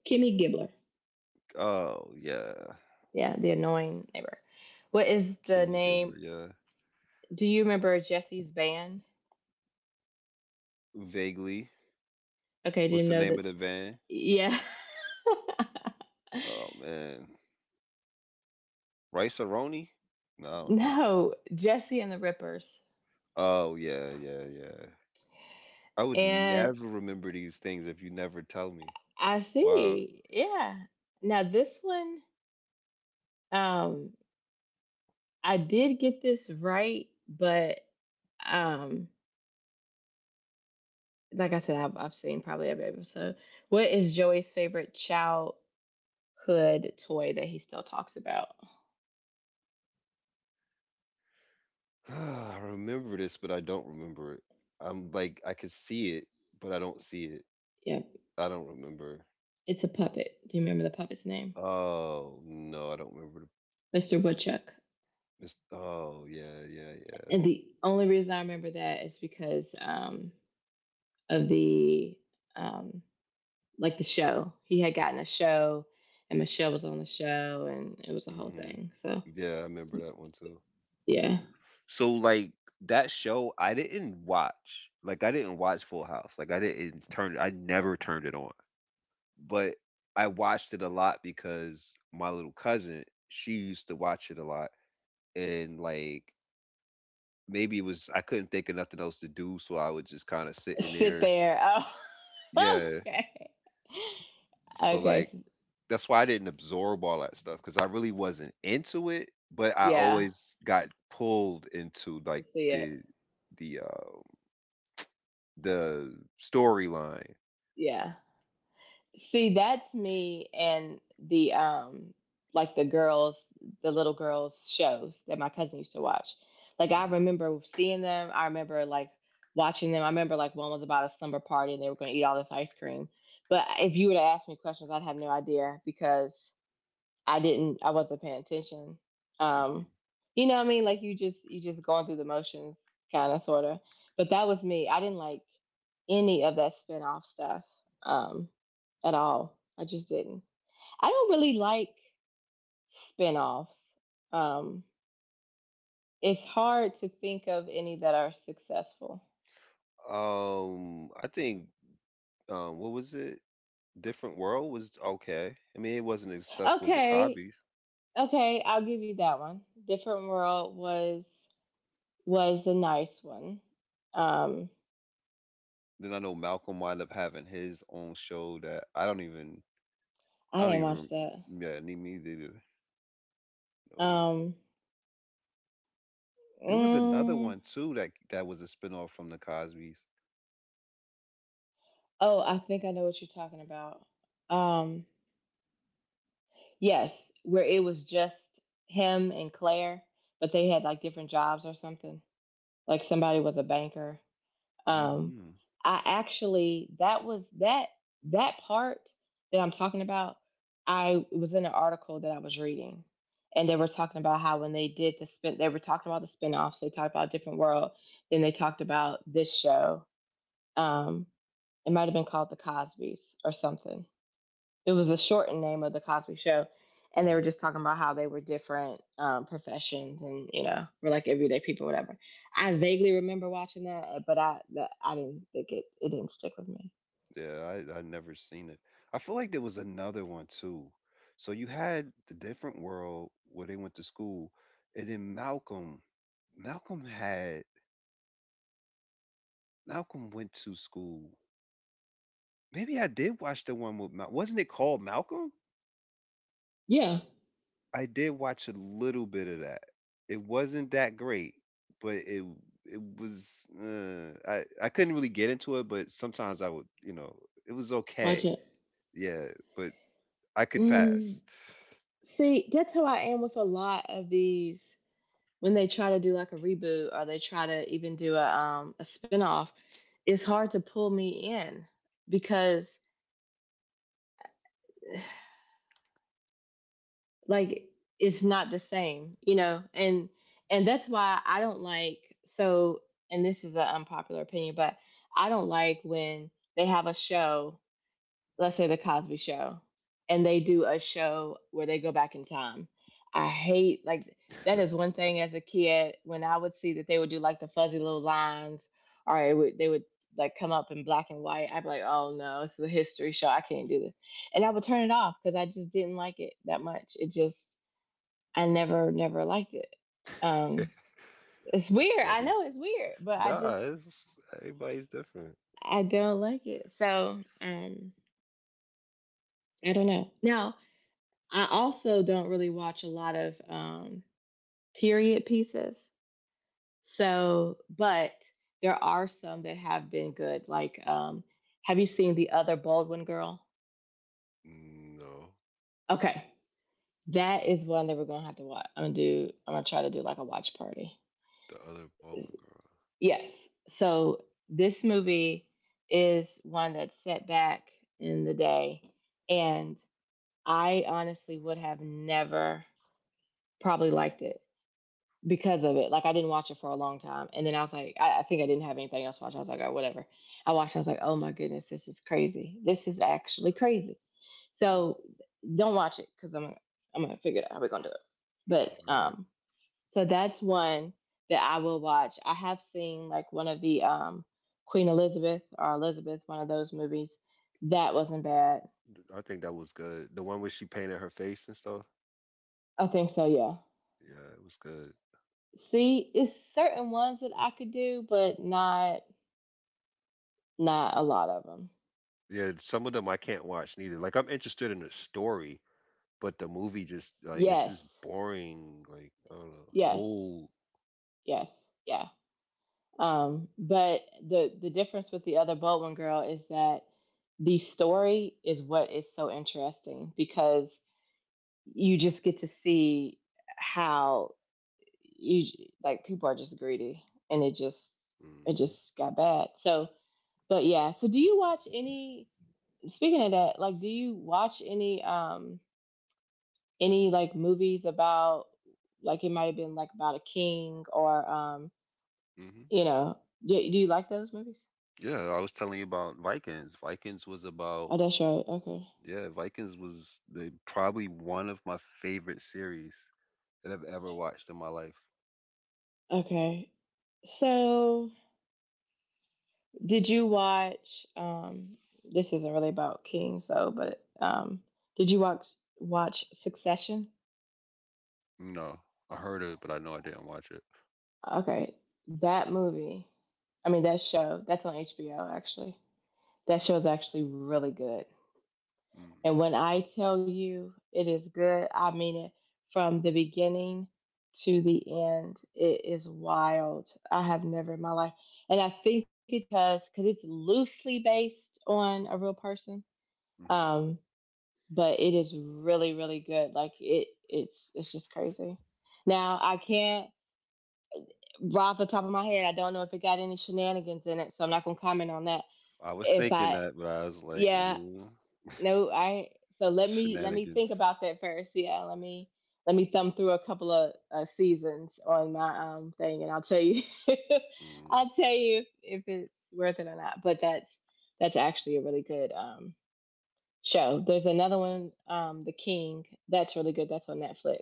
[SPEAKER 1] Kimmy Gibbler.
[SPEAKER 2] Oh, yeah.
[SPEAKER 1] Yeah, the annoying neighbor. What is the
[SPEAKER 2] Kimmy Gibbler.
[SPEAKER 1] name?
[SPEAKER 2] Yeah.
[SPEAKER 1] Do you remember Jesse's band?
[SPEAKER 2] Vaguely.
[SPEAKER 1] Okay, do you
[SPEAKER 2] What's the
[SPEAKER 1] know
[SPEAKER 2] name
[SPEAKER 1] that?
[SPEAKER 2] of the van?
[SPEAKER 1] Yeah.
[SPEAKER 2] Oh, man. Rice Aroni? No, I don't know.
[SPEAKER 1] No, Jesse and the Rippers.
[SPEAKER 2] Oh, yeah, yeah, yeah. I would
[SPEAKER 1] And
[SPEAKER 2] never remember these things if you never tell me.
[SPEAKER 1] I
[SPEAKER 2] Wow.
[SPEAKER 1] see. Yeah. Now this one, um, I did get this right, but um, like I said, I've seen probably every episode. What is Joey's favorite childhood toy that he still talks about?
[SPEAKER 2] I remember this, but I don't remember it. I'm like, I could see it, but I don't see it.
[SPEAKER 1] Yeah,
[SPEAKER 2] I don't remember.
[SPEAKER 1] it's a puppet. Do you remember the puppet's name?
[SPEAKER 2] Oh, no, I don't remember.
[SPEAKER 1] Mr. Woodchuck.
[SPEAKER 2] Oh yeah, yeah, yeah.
[SPEAKER 1] And the only reason I remember that is because of the um, like the show. He had gotten a show, and Michelle was on the show, and it was a whole
[SPEAKER 2] Hmm.
[SPEAKER 1] thing. So
[SPEAKER 2] Yeah, I remember that one too.
[SPEAKER 1] yeah,
[SPEAKER 2] So like that show, I didn't watch. Like I didn't watch Full House. Like I didn't turn. I never turned it on. But I watched it a lot because my little cousin, she used to watch it a lot, and like maybe it was I couldn't think of nothing else to do, so I would just kind of sit in
[SPEAKER 1] sit
[SPEAKER 2] there.
[SPEAKER 1] there. Oh,
[SPEAKER 2] Yeah.
[SPEAKER 1] okay,
[SPEAKER 2] So
[SPEAKER 1] okay,
[SPEAKER 2] like
[SPEAKER 1] so,
[SPEAKER 2] that's why I didn't absorb all that stuff because I really wasn't into it, but I
[SPEAKER 1] yeah,
[SPEAKER 2] always got pulled into like
[SPEAKER 1] see it.
[SPEAKER 2] the the uh the storyline.
[SPEAKER 1] Yeah, see, that's me and the like the girls, the little girls shows that my cousin used to watch. Like I
[SPEAKER 2] Mhm,
[SPEAKER 1] remember seeing them. I remember like watching them. I remember like one was about a slumber party and they were going to eat all this ice cream. But if you would have asked me questions, I'd have no idea because I wasn't paying attention.
[SPEAKER 2] mhm.
[SPEAKER 1] Um you know what I mean? Like you just going through the motions, kind of, sort of. But that was me. I didn't like any of that spinoff stuff, um, at all. I just didn't. I don't really like spinoffs. Um, it's hard to think of any that are successful.
[SPEAKER 2] I think what was it? Different World was okay. I mean, it wasn't as successful as the
[SPEAKER 1] Okay,
[SPEAKER 2] Cosby's.
[SPEAKER 1] okay, I'll give you that one. Different World was a nice one. Um,
[SPEAKER 2] Then I know Malcolm wound up having his own show that I don't even I
[SPEAKER 1] I
[SPEAKER 2] don't
[SPEAKER 1] didn't
[SPEAKER 2] even
[SPEAKER 1] watch that.
[SPEAKER 2] yeah, need me either. No.
[SPEAKER 1] Um,
[SPEAKER 2] There was another
[SPEAKER 1] mm,
[SPEAKER 2] one too that was a spinoff from the Cosby's.
[SPEAKER 1] oh, I think I know what you're talking about. Um, Yes, where it was just him and Claire, but they had like different jobs or something. Like somebody was a banker. Um,
[SPEAKER 2] Hmm.
[SPEAKER 1] I actually that part that I'm talking about. I It was in an article that I was reading, and they were talking about how when they did the spin, they were talking about the spinoffs. They talked about Different World. Then they talked about this show. Um, it might have been called The Cosby's or something. It was a shortened name of The Cosby Show, and they
[SPEAKER 2] Mhm.
[SPEAKER 1] were just talking about how they were different professions and you know were like everyday people, whatever. I vaguely remember watching that, but I didn't think it didn't stick with me.
[SPEAKER 2] Yeah, I never seen it. I feel like there was another one too. So you had the different world where they went to school, and then Malcolm had Malcolm went to school. Maybe I did watch the one with wasn't it called Malcolm?
[SPEAKER 1] Yeah,
[SPEAKER 2] I did watch a little bit of that. It wasn't that great, but it was I couldn't really get into it, but sometimes I would, it was
[SPEAKER 1] watch
[SPEAKER 2] okay.
[SPEAKER 1] it.
[SPEAKER 2] Yeah, but I could
[SPEAKER 1] Mm,
[SPEAKER 2] pass.
[SPEAKER 1] see, that's how I am with a lot of these when they try to do like a reboot or they try to even do a spinoff. It's hard to pull me in because like it's not the same, you know, and that's why I don't like, so, and this is an unpopular opinion, but I don't like when they have a show, let's say The Cosby Show, and they do a show where they go back in time. I hate like that is one thing. As a kid, when I would see that they would do like the fuzzy little lines, they would like come up in black and white, I'd be like, oh no, it's a history show, I can't do this. And I would turn it off because I just didn't like it that much. It just I never, never liked it. Um, it's
[SPEAKER 2] It's
[SPEAKER 1] weird. I
[SPEAKER 2] funny.
[SPEAKER 1] know it's weird, but
[SPEAKER 2] Nah, everybody's different.
[SPEAKER 1] I don't like it. So, I don't know. Now, I also don't really watch a lot of period pieces. So, but there are some that have been good. Like, have you seen The Other Baldwin Girl?
[SPEAKER 2] No,
[SPEAKER 1] Okay, that is one that we're gonna have to watch. I'm gonna try to do like a watch party.
[SPEAKER 2] the other bald one girl.
[SPEAKER 1] Yes. So this movie is one that's set back in the day. And I honestly would have never probably liked it because of it. Like, I didn't watch it for a long time. And then I was like, I think I didn't have anything else to watch. I was like, oh, whatever. I watched, I was like, oh my goodness, this is crazy. This is actually crazy. So don't watch it because I'm going to figure it out how we're going to do it.
[SPEAKER 2] Hmm.
[SPEAKER 1] But
[SPEAKER 2] All right.
[SPEAKER 1] so that's one that I will watch. I have seen like one of the Queen Elizabeth or Elizabeth, one of those movies. That wasn't bad.
[SPEAKER 2] I think that was good. The one where she painted her face and stuff.
[SPEAKER 1] I think so. Yeah.
[SPEAKER 2] Yeah, it was good.
[SPEAKER 1] See, it's certain ones that I could do, but not not a lot of them.
[SPEAKER 2] Yeah, some of them I can't watch neither. Like I'm interested in the story, but the movie just like it's just
[SPEAKER 1] Yes,
[SPEAKER 2] boring. Like I don't know, it's
[SPEAKER 1] yes,
[SPEAKER 2] old.
[SPEAKER 1] yes, yeah. But the difference with The Other Baldwin Girl is that the story is what is so interesting because you just get to see how you like people are just greedy and it
[SPEAKER 2] Mm-hmm.
[SPEAKER 1] just got bad. So but yeah, so do you watch any, speaking of that, like do you watch any like movies about like it might have been like about a king or
[SPEAKER 2] Hmm.
[SPEAKER 1] you know, do you like those movies?
[SPEAKER 2] Yeah, I was telling you about Vikings. Vikings was about
[SPEAKER 1] Oh, that's right. Okay,
[SPEAKER 2] yeah, Vikings was the probably one of my favorite series that I've ever watched in my life.
[SPEAKER 1] okay, so did you watch this isn't really about kings, so but did you watch Succession?
[SPEAKER 2] No, I heard of it, but I know I didn't watch it.
[SPEAKER 1] Okay, that movie, I mean that show, that's on HBO actually. That show is actually really good.
[SPEAKER 2] Mm,
[SPEAKER 1] And when I tell you it is good, I mean it from the beginning to the end. It is wild. I have never in my life, and I think it's because it's loosely based on a real person.
[SPEAKER 2] hmm.
[SPEAKER 1] Um, but it is really really good. Like it's just crazy. Now I can't, right off the top of my head, I don't know if it got any shenanigans in it, so I'm not gonna comment on that.
[SPEAKER 2] I was
[SPEAKER 1] If
[SPEAKER 2] thinking
[SPEAKER 1] I,
[SPEAKER 2] that, but I was like,
[SPEAKER 1] yeah, no, I. So let me think
[SPEAKER 2] shenanigans.
[SPEAKER 1] about that first. Yeah, let me thumb through a couple of seasons on my thing, and I'll tell you,
[SPEAKER 2] Mm,
[SPEAKER 1] I'll tell you if it's worth it or not. But that's actually a really good show. There's another one, The King. That's really good. That's on Netflix.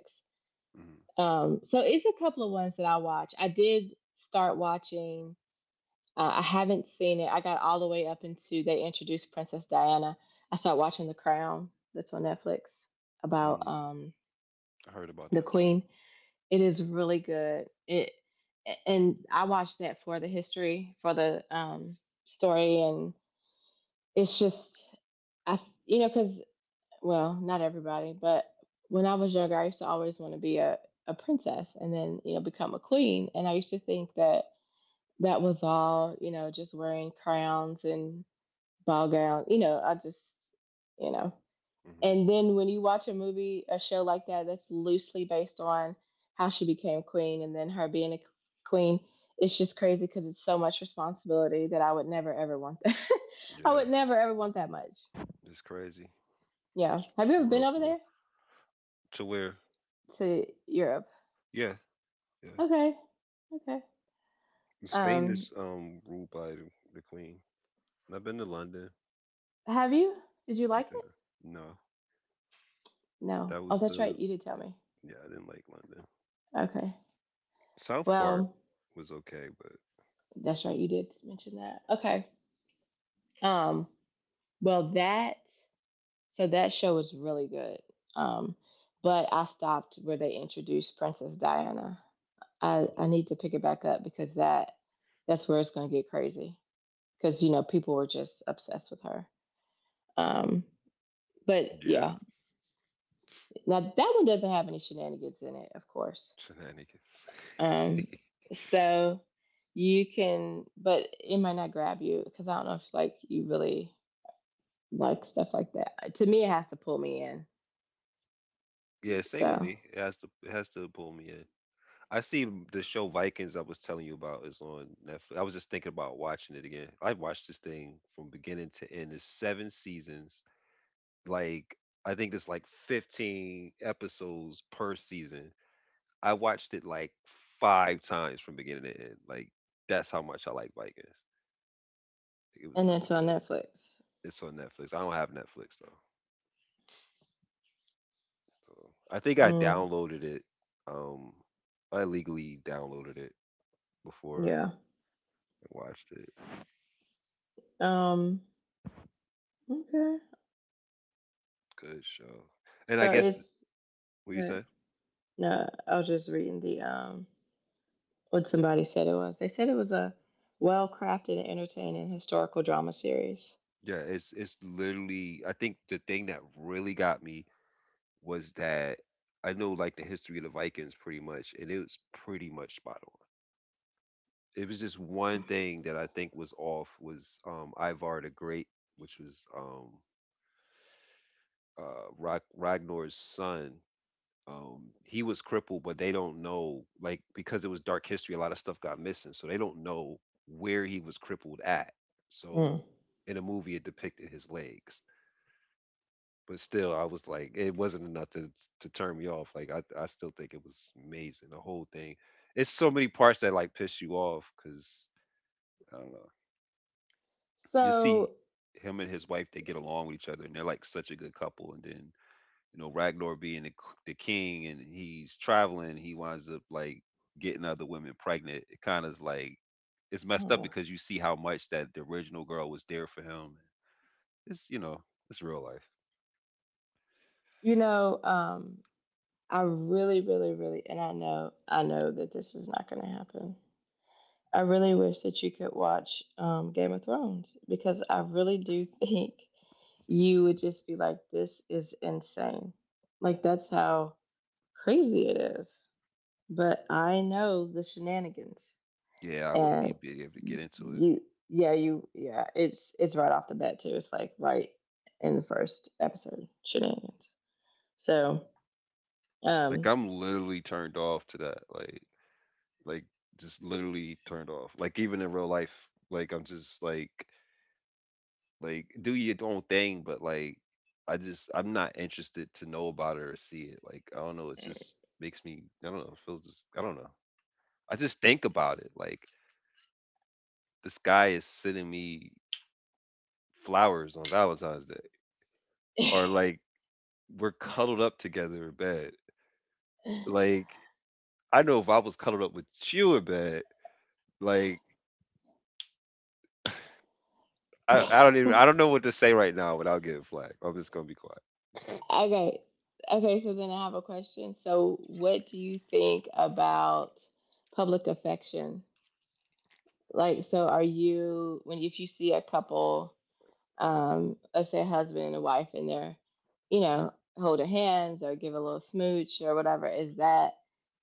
[SPEAKER 2] mm,
[SPEAKER 1] So it's a couple of ones that I watch. I did start watching I haven't seen it. I got all the way up into they introduced Princess Diana. I started watching The Crown, that's on Netflix, about
[SPEAKER 2] mm. I heard about
[SPEAKER 1] the
[SPEAKER 2] that too.
[SPEAKER 1] Queen. It is really good. It And I watched that for the history, for the story, and it's just I you know, because well not everybody, but when I was younger, I used to always want to be a princess and then you know become a queen, and I used to think that that was all, you know, just wearing crowns and ball gown. You know, you know.
[SPEAKER 2] Hmm.
[SPEAKER 1] And then when you watch a movie, a show like that, that's loosely based on how she became queen and then her being a queen, it's just crazy because it's so much responsibility that I would never ever want that. I would
[SPEAKER 2] Yeah,
[SPEAKER 1] never ever want that much.
[SPEAKER 2] it's crazy.
[SPEAKER 1] Yeah.
[SPEAKER 2] It's
[SPEAKER 1] Have you
[SPEAKER 2] For
[SPEAKER 1] ever been
[SPEAKER 2] real,
[SPEAKER 1] over
[SPEAKER 2] for real.
[SPEAKER 1] there,
[SPEAKER 2] To where?
[SPEAKER 1] to Europe?
[SPEAKER 2] Yeah, yeah.
[SPEAKER 1] Okay. Okay.
[SPEAKER 2] Spain
[SPEAKER 1] Um,
[SPEAKER 2] is ruled by the queen. I've been to London.
[SPEAKER 1] have you? Did you like
[SPEAKER 2] Yeah.
[SPEAKER 1] it?
[SPEAKER 2] No,
[SPEAKER 1] No.
[SPEAKER 2] that
[SPEAKER 1] Oh,
[SPEAKER 2] was
[SPEAKER 1] that's right.
[SPEAKER 2] the
[SPEAKER 1] You did tell me.
[SPEAKER 2] yeah. I didn't like London.
[SPEAKER 1] Okay.
[SPEAKER 2] South Park
[SPEAKER 1] Well,
[SPEAKER 2] was okay, but
[SPEAKER 1] that's right. You did mention that. Okay. Um, Well, that So that show was really good. Um, but I stopped where they introduced Princess Diana. I need to pick it back up because that's where it's going to get crazy because you know people were just obsessed with her. Um, but
[SPEAKER 2] yeah,
[SPEAKER 1] yeah, now that one doesn't have any shenanigans in it, of course.
[SPEAKER 2] shenanigans.
[SPEAKER 1] Um, so you can, but it might not grab you because I don't know if like you really like stuff like that. To me, it has to pull me in.
[SPEAKER 2] Yeah, same with
[SPEAKER 1] So.
[SPEAKER 2] me. It has to pull me in. I see the show Vikings I was telling you about is on Netflix. I was just thinking about watching it again. I've watched this thing from beginning to end. There's seven seasons. Like I think there's like 15 episodes per season. I watched it five times from beginning to end. That's how much I like Vikings. It was
[SPEAKER 1] And
[SPEAKER 2] really
[SPEAKER 1] it's on
[SPEAKER 2] good.
[SPEAKER 1] Netflix.
[SPEAKER 2] It's on Netflix. I don't have Netflix though. So I think I
[SPEAKER 1] Mm,
[SPEAKER 2] downloaded it. Um I illegally downloaded it before
[SPEAKER 1] yeah.
[SPEAKER 2] and watched it.
[SPEAKER 1] Um. Okay.
[SPEAKER 2] Good show. And I
[SPEAKER 1] So
[SPEAKER 2] guess
[SPEAKER 1] it's
[SPEAKER 2] what you
[SPEAKER 1] uh,
[SPEAKER 2] say?
[SPEAKER 1] no. I was just reading the what somebody said it was. They said it was a well-crafted and entertaining historical drama series.
[SPEAKER 2] Yeah, it's literally. I think the thing that really got me was that I know like the history of the Vikings pretty much, and it was pretty much spot on. It was just one thing that I think was off was Ivar the Great, which was Ragnar's son. He was crippled, but they don't know, like, because it was dark history, a lot of stuff got missing, so they don't know where he was crippled at. So
[SPEAKER 1] Mm.
[SPEAKER 2] in the movie it depicted his legs, but still I was like, it wasn't enough to turn me off. Like, I still think it was amazing, the whole thing. It's so many parts that like piss you off because I don't know. You see
[SPEAKER 1] So
[SPEAKER 2] him and his wife, they get along with each other and they're like such a good couple, and then, you know, Ragnar being the king, and he's traveling, he winds up like getting other women pregnant. It kind of is like, it's messed up
[SPEAKER 1] mm.
[SPEAKER 2] because you see how much that the original girl was there for him. It's, it's real life.
[SPEAKER 1] You know, I really, really, really, and I know that this is not going to happen. I really wish that you could watch Game of Thrones, because I really do think you would just be like, this is insane. Like, that's how crazy it is. But I know, the shenanigans.
[SPEAKER 2] Yeah, I wouldn't
[SPEAKER 1] And
[SPEAKER 2] even be able to get into it.
[SPEAKER 1] you, yeah, you, yeah, it's right off the bat, too. It's like right in the first episode, shenanigans. So,
[SPEAKER 2] Like,
[SPEAKER 1] um,
[SPEAKER 2] I'm literally turned off to that. Like, just literally turned off. Like, even in real life, like, I'm just like, do your own thing, but like, I just, I'm not interested to know about it or see it. Like, I don't know. It just makes me, I don't know. It feels just, I don't know. I just think about it. Like, this guy is sending me flowers on Valentine's Day, or like we're cuddled up together in bed. Like, I know if I was cuddled up with you in bed, like I don't even, I don't know what to say right now without getting flagged. I'm just gonna be quiet.
[SPEAKER 1] okay. Okay, so then I have a question. So, what do you think about public affection? Like, so are you, when if you see a couple, let's say a husband and a wife, and they're, you know, holding hands or give a little smooch or whatever, is that,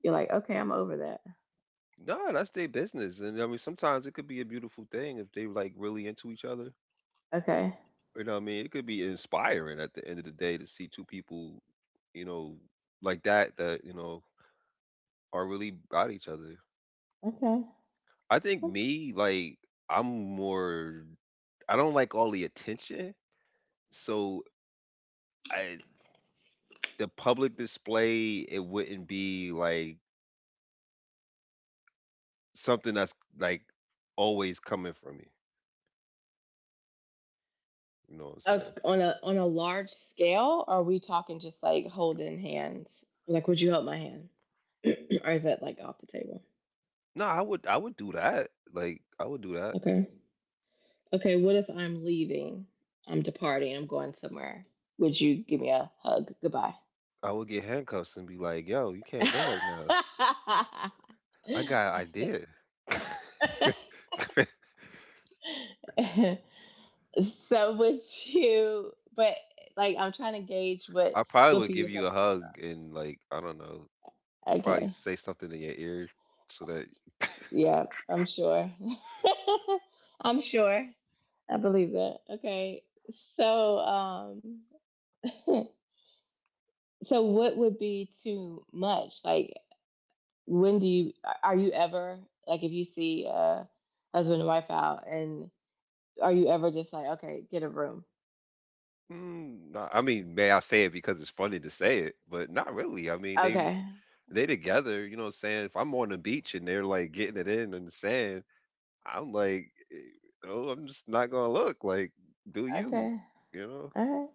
[SPEAKER 1] you're like, okay, I'm over that.
[SPEAKER 2] No, that's their business. And I mean, sometimes it could be a beautiful thing if they like really into each other.
[SPEAKER 1] Okay.
[SPEAKER 2] You know what I mean? It could be inspiring at the end of the day to see two people, you know, like that, you know, are really about each other.
[SPEAKER 1] Okay.
[SPEAKER 2] I think me, like, I'm more, I don't like all the attention. So I, the public display, it wouldn't be like something that's like always coming from me. You know what I'm saying?
[SPEAKER 1] On a large scale, or are we talking just like holding hands? Like, would you hold my hand, or is that like off the table?
[SPEAKER 2] No, I would do that. Like, I would do that.
[SPEAKER 1] Okay, okay. What if I'm leaving? I'm departing. I'm going somewhere. Would you give me a hug? Goodbye.
[SPEAKER 2] I would get handcuffs and be like, yo, you can't go right now. I got an idea.
[SPEAKER 1] So would you? But like, I'm trying to gauge
[SPEAKER 2] I probably
[SPEAKER 1] what for
[SPEAKER 2] would
[SPEAKER 1] you
[SPEAKER 2] give
[SPEAKER 1] is like
[SPEAKER 2] you a
[SPEAKER 1] too much.
[SPEAKER 2] hug and, like, I don't know, probably
[SPEAKER 1] Okay.
[SPEAKER 2] say something in your ear so that.
[SPEAKER 1] Yeah, I'm sure. I'm sure. I believe that. Okay. So, um, so what would be too much? Like, when do you, are you ever, like, if you see a husband and wife out, and are you ever just like, okay, get a room?
[SPEAKER 2] Mm, nah, I mean, may I say it because it's funny to say it, but not really. I mean,
[SPEAKER 1] Okay.
[SPEAKER 2] they together. You know what I'm saying, if I'm on the beach and they're like getting it in the sand, I'm like, oh, I'm just not gonna look. Like, do you?
[SPEAKER 1] Okay.
[SPEAKER 2] You know.
[SPEAKER 1] All right.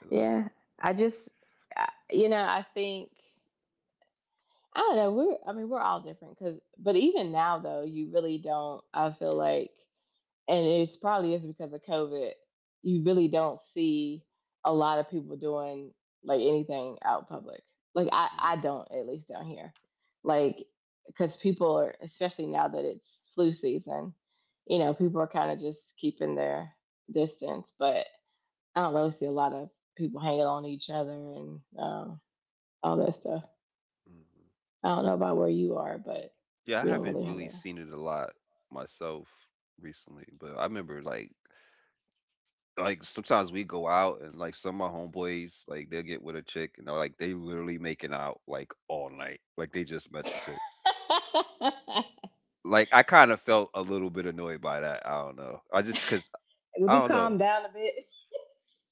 [SPEAKER 2] You know?
[SPEAKER 1] Yeah. I just, I, you know, I think, I don't know. I mean, we're all different because, but even now, though, you really don't, I feel like, and it's probably is because of COVID. You really don't see a lot of people doing like anything out public. I
[SPEAKER 2] Mhm,
[SPEAKER 1] don't at least down here, like because people are especially now that it's flu season, you know, people are kind of just keeping their distance. But I don't really see a lot of people hanging on each other and all that stuff.
[SPEAKER 2] mhm.
[SPEAKER 1] I don't know about where you are, but
[SPEAKER 2] Yeah, I
[SPEAKER 1] we don't
[SPEAKER 2] haven't
[SPEAKER 1] really have
[SPEAKER 2] really seen it a lot myself recently, but I remember like sometimes we go out and like some of my homeboys, like they'll get with a chick and they're like they literally making out like all night, like they just met the
[SPEAKER 1] it.
[SPEAKER 2] chick. Like, I kind of felt a little bit annoyed by that. I don't know, I just, because
[SPEAKER 1] Would
[SPEAKER 2] I
[SPEAKER 1] you
[SPEAKER 2] don't
[SPEAKER 1] calm
[SPEAKER 2] know,
[SPEAKER 1] down a bit?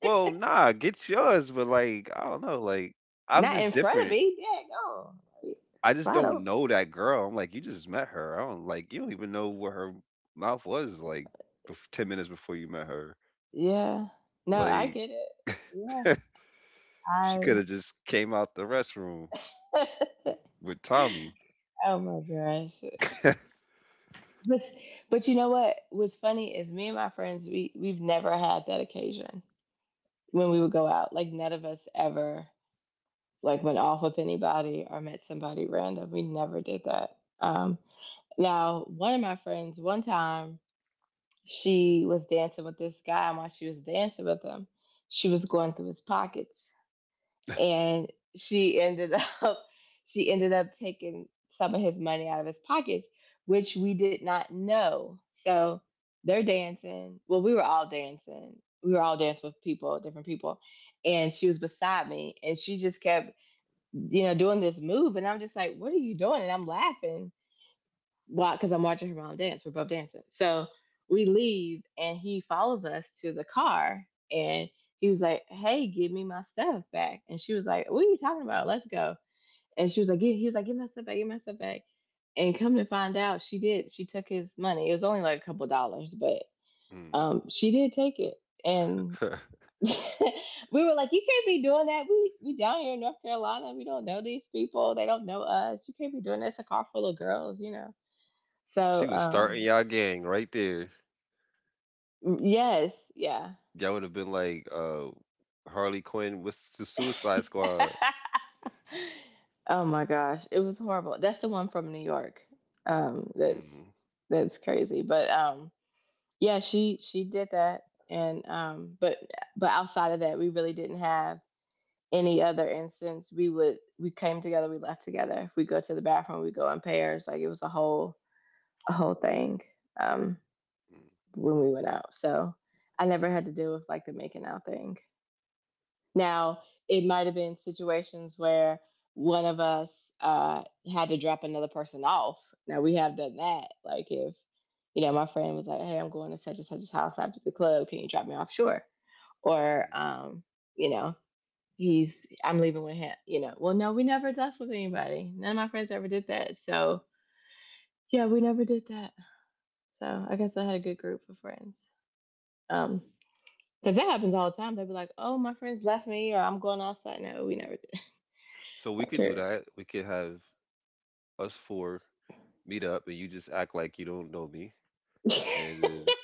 [SPEAKER 2] well, nah, get yours, but like, I don't know, like, I'm
[SPEAKER 1] Not
[SPEAKER 2] just
[SPEAKER 1] in front of
[SPEAKER 2] different.
[SPEAKER 1] me. Yeah, go. Like,
[SPEAKER 2] I just
[SPEAKER 1] slide
[SPEAKER 2] don't
[SPEAKER 1] over.
[SPEAKER 2] know that girl. I'm like, you just met her, I don't, like, you don't even know what her mouth was like 10 minutes before you met her.
[SPEAKER 1] Yeah. No, I
[SPEAKER 2] Like,
[SPEAKER 1] get it. Yeah.
[SPEAKER 2] she could
[SPEAKER 1] I
[SPEAKER 2] have just came out the restroom with Tommy.
[SPEAKER 1] oh my gosh. But but you know what? What's funny is me and my friends we've never had that occasion when we would go out. Like none of us ever like went off with anybody or met somebody random. We never did that. Now one of my friends one time, she was dancing with this guy, and while she was dancing with him, she was going through his pockets, and she ended up she ended up taking some of his money out of his pockets, which we did not know. So they're dancing. Well, we were all dancing. We were all dancing with people, different people, and she was beside me, and she just kept, you know, doing this move, and I'm just like, "What are you doing?" And I'm laughing. Why? Because I'm watching her mom dance. We're both dancing. So we leave, and he follows us to the car, and he was like, "Hey, give me my stuff back." And she was like, "What are you talking about? Let's go." And she was like, "Give." He was like, "Give my stuff back. Give my stuff back." And come to find out, she did. She took his money. It was only like a couple dollars, but
[SPEAKER 2] Hmm.
[SPEAKER 1] she did take it. And we were like, "You can't be doing that. We down here in North Carolina. We don't know these people. They don't know us. You can't be doing this. A car full of girls, you know."
[SPEAKER 2] She
[SPEAKER 1] So
[SPEAKER 2] was starting
[SPEAKER 1] um,
[SPEAKER 2] y'all gang right there.
[SPEAKER 1] Mm, yes, yeah.
[SPEAKER 2] Y'all would have been like Harley Quinn with the Suicide Squad.
[SPEAKER 1] Oh my gosh, it was horrible. That's the one from New York. Um, that's
[SPEAKER 2] Hmm.
[SPEAKER 1] that's crazy. But yeah, she did that, and but outside of that, we really didn't have any other instance. We came together, we left together. If we go to the bathroom, we go in pairs. Like it was a whole thing, um, when we went out. So I never had to deal with like the making out thing. Now, it might have been situations where one of us uh, had to drop another person off. Now, we have done that. Like, if, you know, my friend was like, hey, I'm going to such and such's house after the club. Can you drop me off? Sure. Or, you know, he's, I'm leaving with him. You know, well, no, we never left with anybody. None of my friends ever did that. So, yeah, we never did that. So, I guess I had a good group of friends. Um, because that happens all the time. They'd be like, "Oh, my friends left me," or "I'm going outside." No, we never did.
[SPEAKER 2] So we
[SPEAKER 1] Who
[SPEAKER 2] could do
[SPEAKER 1] cares?
[SPEAKER 2] that. We could have us four meet up, and you just act like you don't know me, and then,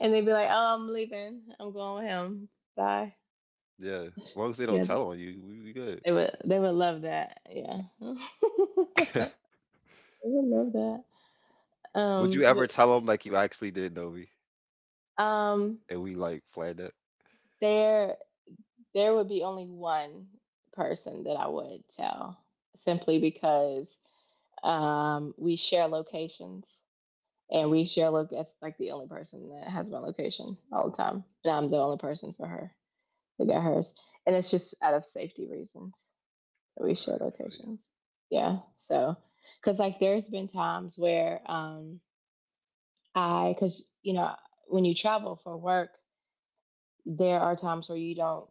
[SPEAKER 1] And they'd be like, "Oh, I'm leaving. I'm going with him. Bye."
[SPEAKER 2] yeah, as long as they don't
[SPEAKER 1] Yeah,
[SPEAKER 2] tell on you, we good.
[SPEAKER 1] they would. They would love that. Yeah, they would love that.
[SPEAKER 2] Would you
[SPEAKER 1] But
[SPEAKER 2] ever tell them like you actually didn't know me,
[SPEAKER 1] um,
[SPEAKER 2] and we like flared up?
[SPEAKER 1] there there would be only one person that I would tell, simply because we share locations and
[SPEAKER 2] Mm,
[SPEAKER 1] we share look. That's like the only person that has my location all the time, and I'm the only person for her. We got hers. And it's just out of safety reasons that we share
[SPEAKER 2] I feel
[SPEAKER 1] locations. Yeah. So, because like there's been times where I, because, you know, when you travel for work, there are times where you don't,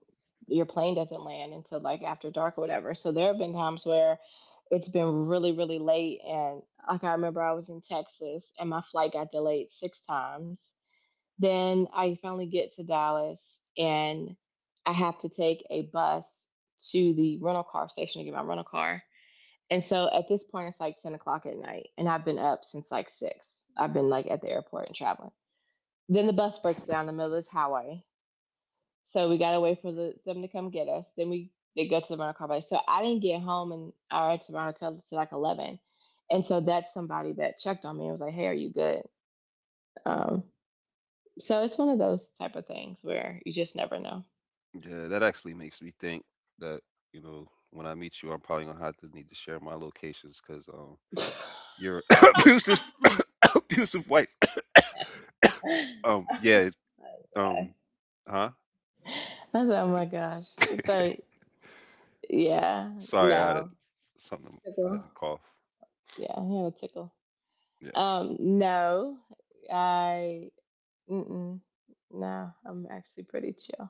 [SPEAKER 1] your plane doesn't land until like after dark or whatever. So there have been times where it's been really, really late. And like I remember I was in Texas and my flight got delayed 6 times, then I finally get to Dallas and I have to take a bus to the rental car station to get my rental car. And so at this point, it's like 10 o'clock at night, and I've been up since like 6. I've been like at the airport and traveling. Then the bus breaks down in the middle of this highway. So we got to wait for them to come get us. Then we they go to the rental car place. So I didn't get home and all right to my hotel until like 11. And so that's somebody that checked on me and was like, hey, are you good? Um, So it's one of those type of things where you just never know.
[SPEAKER 2] you. Yeah, that actually makes me think that, you know, when I meet you, I'm probably gonna have to need to share my locations because your abusive, abusive wife.
[SPEAKER 1] Oh
[SPEAKER 2] Yeah.
[SPEAKER 1] my god.
[SPEAKER 2] Um, huh?
[SPEAKER 1] That's oh my gosh. So yeah,
[SPEAKER 2] Sorry, I had a,
[SPEAKER 1] no
[SPEAKER 2] something. I had
[SPEAKER 1] tickle.
[SPEAKER 2] to cough.
[SPEAKER 1] Yeah, he had a tickle.
[SPEAKER 2] Yeah.
[SPEAKER 1] No, I mm-mm, no, I'm actually pretty chill.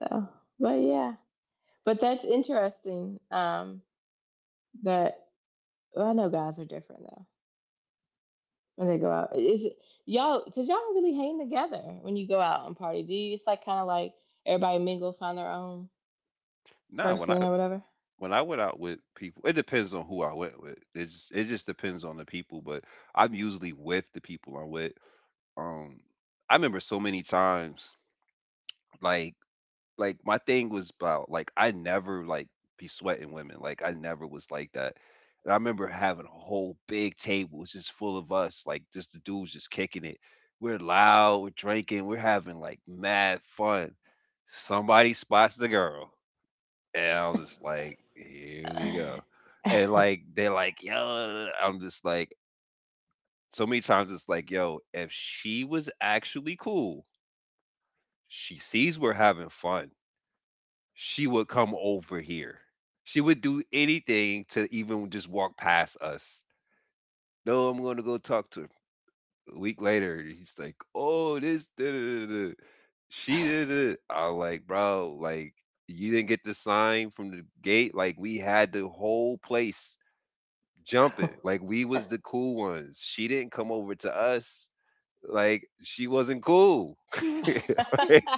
[SPEAKER 1] So, but yeah, but that's interesting. That well, I know guys are different though. When they go out, is it y'all? Cause y'all don't really hang together when you go out and party. Do you? It's like kind of like everybody mingle, find their own
[SPEAKER 2] Nah, when I
[SPEAKER 1] person or whatever.
[SPEAKER 2] when I went out with people, it depends on who I went with. It just depends on the people, but I'm usually with the people I'm with. Um, I remember so many times, like like my thing was about, like, I never like be sweating women. Like, I never was like that. And I remember having a whole big table just full of us, like just the dudes just kicking it. We're loud, we're drinking, we're having like mad fun. Somebody spots the girl. And I was just like, here we go. And like they're like, yo, I'm just like, so many times it's like, yo, if she was actually cool, she sees we're having fun, she would come over here. She would do anything to even just walk past us. No, I'm going to go talk to her. A week later, he's like, "Oh, this, da, da, da, da. She did it." I'm like, "Bro, like, you didn't get the sign from the gate. Like, we had the whole place jumping. Like, we was the cool ones. She didn't come over to us. Like, she wasn't cool." Like,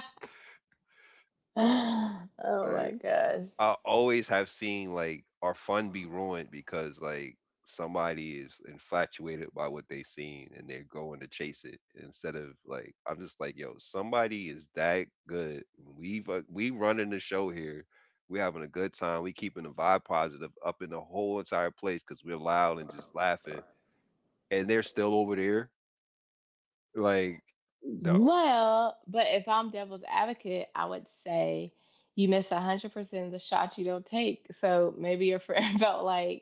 [SPEAKER 1] Oh my
[SPEAKER 2] like,
[SPEAKER 1] gosh.
[SPEAKER 2] I always have seen like our fun be ruined because like somebody is infatuated by what they seen and they're going to chase it instead of, like, I'm just like, yo, somebody is that good, we running the show here, we having a good time, we keeping the vibe positive up in the whole entire place because we're loud and just laughing, and they're still over there, like, no.
[SPEAKER 1] Well, but if I'm devil's advocate, I would say you miss 100% of the shots you don't take. So maybe your friend felt like,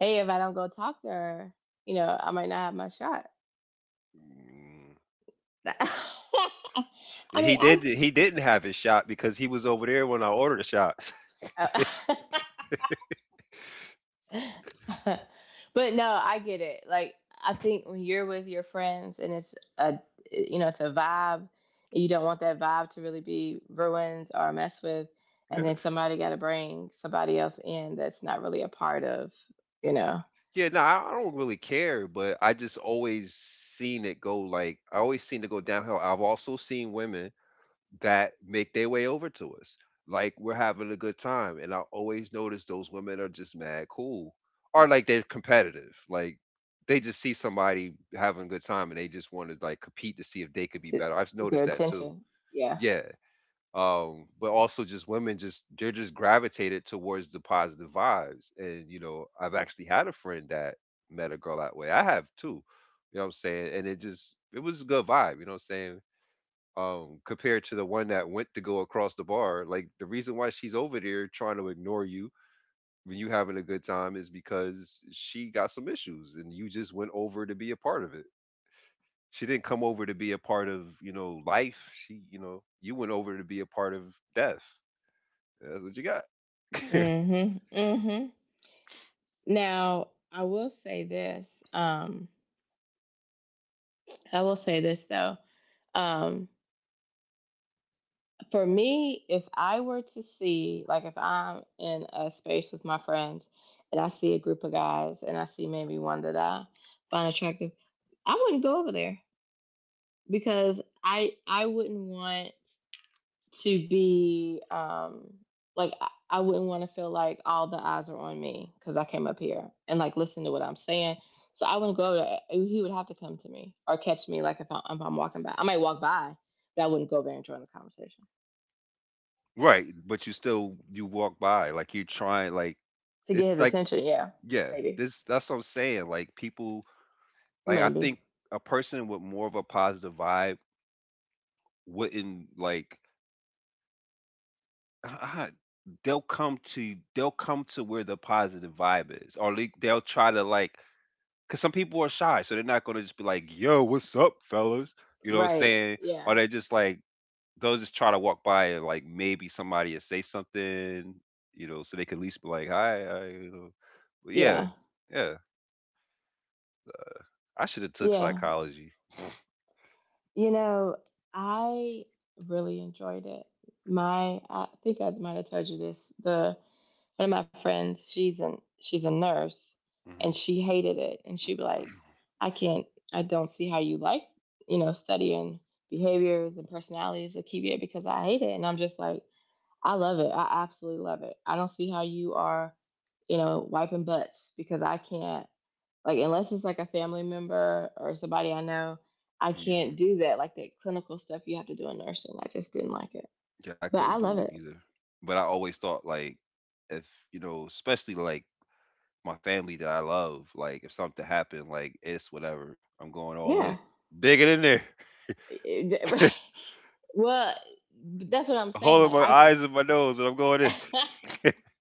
[SPEAKER 1] hey, if I don't go talk to her, you know, I might not have my shot.
[SPEAKER 2] Mm.
[SPEAKER 1] I
[SPEAKER 2] He
[SPEAKER 1] mean, I.
[SPEAKER 2] did. He didn't have his shot because he was over there when I ordered the shots.
[SPEAKER 1] Uh, but no, I get it. Like, I think when you're with your friends and it's a, you know, it's a vibe, you don't want that vibe to really be ruined or messed with. And
[SPEAKER 2] Yeah.
[SPEAKER 1] then somebody got to bring somebody else in that's not really a part of, you know,
[SPEAKER 2] Yeah, no, I don't really care, but I just always seen it go, like, I always seen it go downhill. I've also seen women that make their way over to us. Like, we're having a good time. And I always notice those women are just mad cool. Or like they're competitive. Like, they just see somebody having a good time and they just want to like compete to see if they could be
[SPEAKER 1] to
[SPEAKER 2] better. I've
[SPEAKER 1] get their
[SPEAKER 2] noticed that too.
[SPEAKER 1] attention. Yeah.
[SPEAKER 2] Yeah, um, but also just women just, they're just gravitated towards the positive vibes, and, you know, I've actually had a friend that met a girl that way. I have too. You know what I'm saying? And it just, it was a good vibe, you know what I'm saying? Um, compared to the one that went to go across the bar, like the reason why she's over there trying to ignore you when you having a good time is because she got some issues, and you just went over to be a part of it. She didn't come over to be a part of, you know, life. She, you know, you went over to be a part of death. That's what you got.
[SPEAKER 1] Mm hmm. Mm hmm. Now, I will say this. I will say this though. Um, For me, if I were to see, like if I'm in a space with my friends and I see a group of guys and I see maybe one that I find attractive, I wouldn't go over there because I wouldn't want to be like I wouldn't want to feel like all the eyes are on me because I came up here and like listen to what I'm saying. So I wouldn't go over there. He would have to come to me or catch me like if, I, if I'm walking by. I might walk by, but I wouldn't go over there and join the conversation.
[SPEAKER 2] Right, but you still, you walk by like you try, like,
[SPEAKER 1] To get
[SPEAKER 2] it's
[SPEAKER 1] his
[SPEAKER 2] like,
[SPEAKER 1] attention. Yeah,
[SPEAKER 2] yeah,
[SPEAKER 1] maybe,
[SPEAKER 2] this, that's what I'm saying. Like, people, like, I
[SPEAKER 1] maybe.
[SPEAKER 2] think a person with more of a positive vibe wouldn't like, ah, they'll come to where the positive vibe is, or they, they'll try to like, cuz some people are shy, so they're not going to just be like, "Yo, what's up, fellas?" You know what I'm
[SPEAKER 1] Right.
[SPEAKER 2] saying?
[SPEAKER 1] Yeah.
[SPEAKER 2] Or they just like, they'll just try to walk by and like maybe somebody will say something, you know, so they could at least be like, "Hi," I, you know. But yeah,
[SPEAKER 1] Yeah.
[SPEAKER 2] yeah, I should have took
[SPEAKER 1] Yeah.
[SPEAKER 2] psychology.
[SPEAKER 1] You know, I really enjoyed it. I think I might have told you this. The one of my friends, she's a nurse, and
[SPEAKER 2] Hmm.
[SPEAKER 1] she hated it. And she'd be like, "I can't. I don't see how you like, you know, studying behaviors and personalities of QBA because I hate it." And I'm just like, I love it. I absolutely love it. I don't see how you are, you know, wiping butts because I can't like unless it's like a family member or somebody I know, I
[SPEAKER 2] Hmm.
[SPEAKER 1] can't do that like that clinical stuff you have to do in nursing. I just didn't like it.
[SPEAKER 2] Yeah, I
[SPEAKER 1] But I
[SPEAKER 2] couldn't do
[SPEAKER 1] love
[SPEAKER 2] that
[SPEAKER 1] it.
[SPEAKER 2] either. But I always thought like, if, you know, especially like my family that I love, like if something happened, like it's whatever, I'm going all in,
[SPEAKER 1] Yeah.
[SPEAKER 2] digging in there,
[SPEAKER 1] Well, that's what I'm saying.
[SPEAKER 2] holding
[SPEAKER 1] Like
[SPEAKER 2] my
[SPEAKER 1] I can
[SPEAKER 2] eyes and my nose, and I'm going in.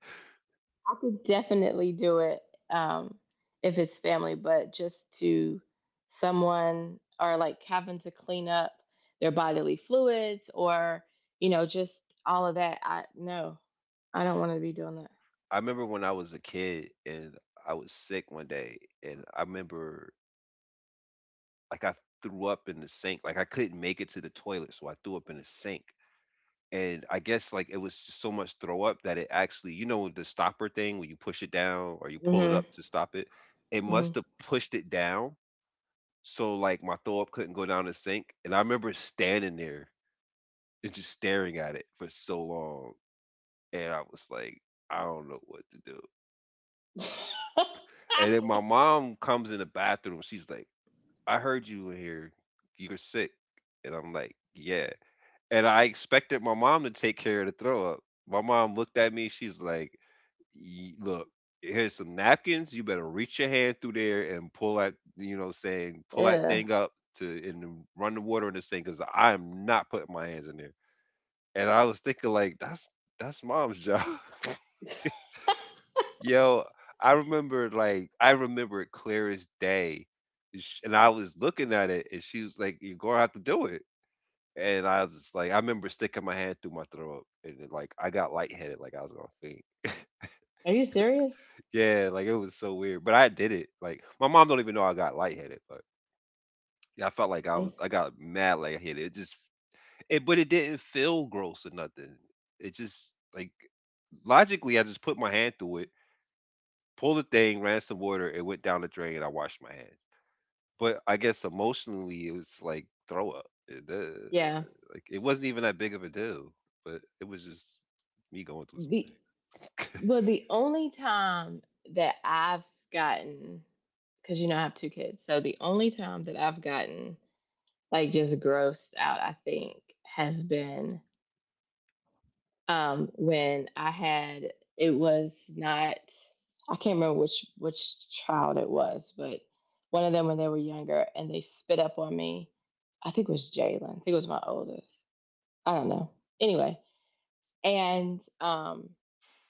[SPEAKER 1] I could definitely do it, um, if it's family, but just to someone or like having to clean up their bodily fluids or, you know, just all of that. I no, I don't want to be doing that.
[SPEAKER 2] I remember when I was a kid and I was sick one day, and I remember like I threw up in the sink. Like I couldn't make it to the toilet, so I threw up in the sink. And I guess like it was just so much throw up that it actually, the stopper thing when you push it down or you pull it up
[SPEAKER 1] Mm-hmm.
[SPEAKER 2] to stop it, it must have pushed it down. So like my throw up couldn't go down the sink. And I remember standing there and just staring at it for so long. And I was like, I don't know what to do.
[SPEAKER 1] Mm-hmm.
[SPEAKER 2] And then my mom comes in the bathroom. She's like, I heard you in here. You were sick. And I'm like, yeah. And I expected my mom to take care of the throw up. My mom looked at me. She's like, look, here's some napkins. You better reach your hand through there and pull that, pull that
[SPEAKER 1] Yeah.
[SPEAKER 2] thing up to and run the water in this thing because I am not putting my hands in there. And I was thinking, like, that's mom's job. Yo, I remember it clear as day, and I was looking at it, and she was like, "You're gonna have to do it," and I was just like I remember sticking my hand through my throat, and then, like, I got lightheaded, like I was gonna faint.
[SPEAKER 1] Are you serious?
[SPEAKER 2] Yeah, like, it was so weird, but I did it, like, my mom don't even know I got lightheaded, but, yeah, I felt like I was
[SPEAKER 1] This,
[SPEAKER 2] I got mad lightheaded, it but it didn't feel gross or nothing. It just, like logically, I just put my hand through it, pulled the thing, ran some water, it went down the drain, and I washed my hands. But I guess emotionally, it was like throw up.
[SPEAKER 1] yeah.
[SPEAKER 2] Like it wasn't even that big of a deal, but it was just me going through
[SPEAKER 1] The
[SPEAKER 2] something.
[SPEAKER 1] well, the only time that I've gotten because you know I have two kids, so the only time that I've gotten like just grossed out, I think, has been when I had it was not I can't remember which child it was, but one of them when they were younger and they spit up on me. I think it was Jalen. I think it was my oldest. I don't know. Anyway, and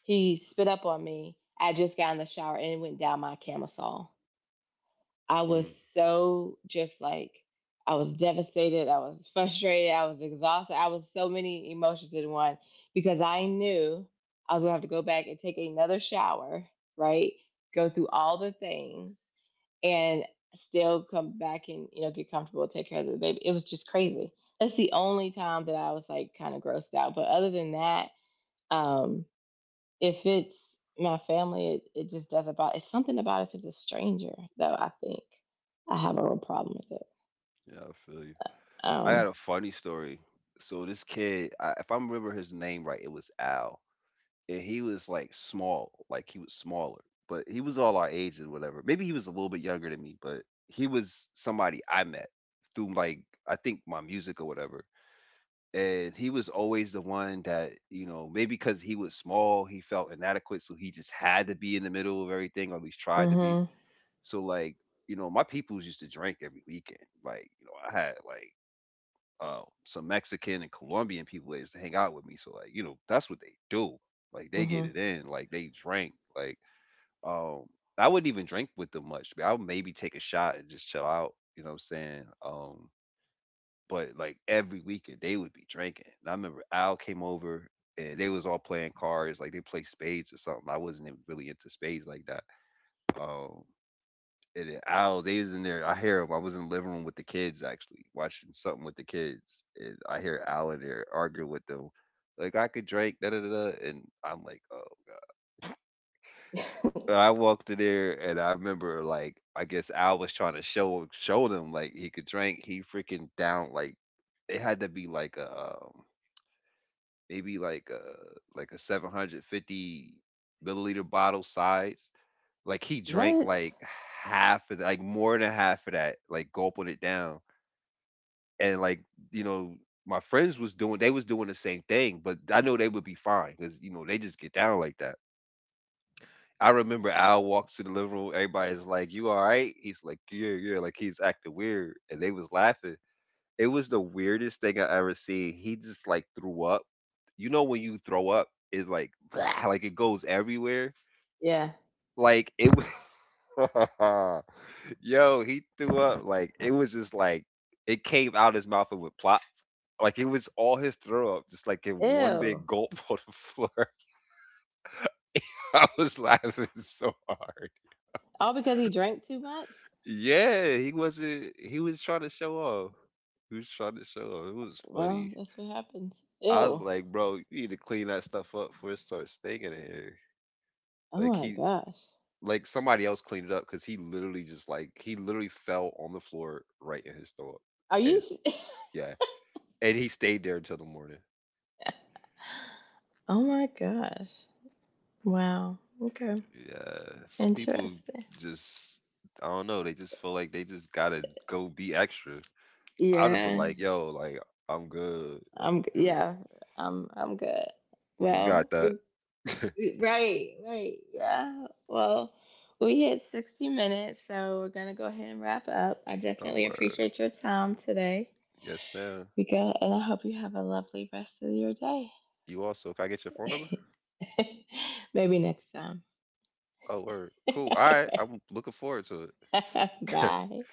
[SPEAKER 1] he spit up on me. I just got in the shower and it went down my camisole. I was
[SPEAKER 2] Mm,
[SPEAKER 1] so just like I was devastated, I was frustrated, I was exhausted. I was so many emotions in one because I knew I was going to have to go back and take another shower, right? Go through all the things and still come back and, you know, get comfortable, take care of the baby. It was just crazy. That's the only time that I was like kind of grossed out. But other than that, um, if it's my family, it just doesn't. It's something about if it's a stranger, though. I think I have a real problem with it.
[SPEAKER 2] yeah, I feel you. I had
[SPEAKER 1] Um.
[SPEAKER 2] a funny story. So this kid, if I remember his name right, it was Al, and he was like small, like he was smaller, but he was all our age and whatever. Maybe he was a little bit younger than me, but he was somebody I met through like I think my music or whatever. And he was always the one that maybe because he was small he felt inadequate so he just had to be in the middle of everything or at least tried to be.
[SPEAKER 1] Mhm.
[SPEAKER 2] So like my peoples used to drink every weekend like I had like some mexican and colombian people that used to hang out with me, so like that's what they do. Like they get
[SPEAKER 1] Mhm.
[SPEAKER 2] it in, like they drink like um I wouldn't even drink with them much. I would maybe take a shot and just chill out, you know what I'm saying. But like every weekend they would be drinking. And I remember Al came over and they was all playing cards, like they play spades or something. I wasn't even really into spades like that. Um, and then they was in there. I hear him. I was in the living room with the kids actually watching something with the kids, and I hear Al in there arguing with them. Like I could drink, da da da, da," and I'm like, oh. And I walked in there, and I remember, like, I guess Al was trying to show them like he could drink. He freaking down like it had to be like a maybe like a 750 milliliter bottle size. Like he drank
[SPEAKER 1] What?
[SPEAKER 2] like half of that, like more than half of that, like gulping it down. And like you know, my friends was doing, they was doing the same thing, but I know they would be fine because they just get down like that. I remember Al walks to the living room. Everybody's like, "You all right?" He's like, "Yeah, yeah." Like he's acting weird, and they was laughing. It was the weirdest thing I ever seen. He just, like, threw up. You know when you throw up, it's like like it goes everywhere?
[SPEAKER 1] Yeah.
[SPEAKER 2] Like, it was, Yo, he threw up, like, it was just like it came out his mouth and went plop. Like, it was all his throw up, just, like, in one big
[SPEAKER 1] Ew.
[SPEAKER 2] gulp on the floor. I was laughing so hard.
[SPEAKER 1] All because he drank too much.
[SPEAKER 2] Yeah, he wasn't, he was trying to show off. He was trying to show off. It was funny.
[SPEAKER 1] Well, that's what happens.
[SPEAKER 2] I was
[SPEAKER 1] Ew.
[SPEAKER 2] like, "Bro, you need to clean that stuff up before it starts stinking in here."
[SPEAKER 1] Oh
[SPEAKER 2] Like
[SPEAKER 1] my
[SPEAKER 2] he
[SPEAKER 1] gosh.
[SPEAKER 2] like somebody else cleaned it up because he literally fell on the floor right in his throat.
[SPEAKER 1] Are you?
[SPEAKER 2] And yeah. And he stayed there until the morning.
[SPEAKER 1] Oh my gosh. Wow. Okay.
[SPEAKER 2] Yeah, some people
[SPEAKER 1] Interesting.
[SPEAKER 2] just I don't know. They just feel like they just gotta go be extra. I'd have been
[SPEAKER 1] Yeah.
[SPEAKER 2] like, yo, like I'm good, like
[SPEAKER 1] I'm.
[SPEAKER 2] I'm good.
[SPEAKER 1] Yeah. I'm. I'm good.
[SPEAKER 2] You got
[SPEAKER 1] Well,
[SPEAKER 2] that?
[SPEAKER 1] we're right, right. Yeah. Well, we hit 60 minutes, so we're going to go ahead and wrap up. I
[SPEAKER 2] Oh
[SPEAKER 1] definitely
[SPEAKER 2] word,
[SPEAKER 1] appreciate your time today,
[SPEAKER 2] yes, man.
[SPEAKER 1] Rika, and I hope you have a lovely rest of your day.
[SPEAKER 2] You also, can I get your phone number?
[SPEAKER 1] Maybe next time.
[SPEAKER 2] Oh word, cool. All right,
[SPEAKER 1] Okay.
[SPEAKER 2] I'm looking forward to it.
[SPEAKER 1] Bye.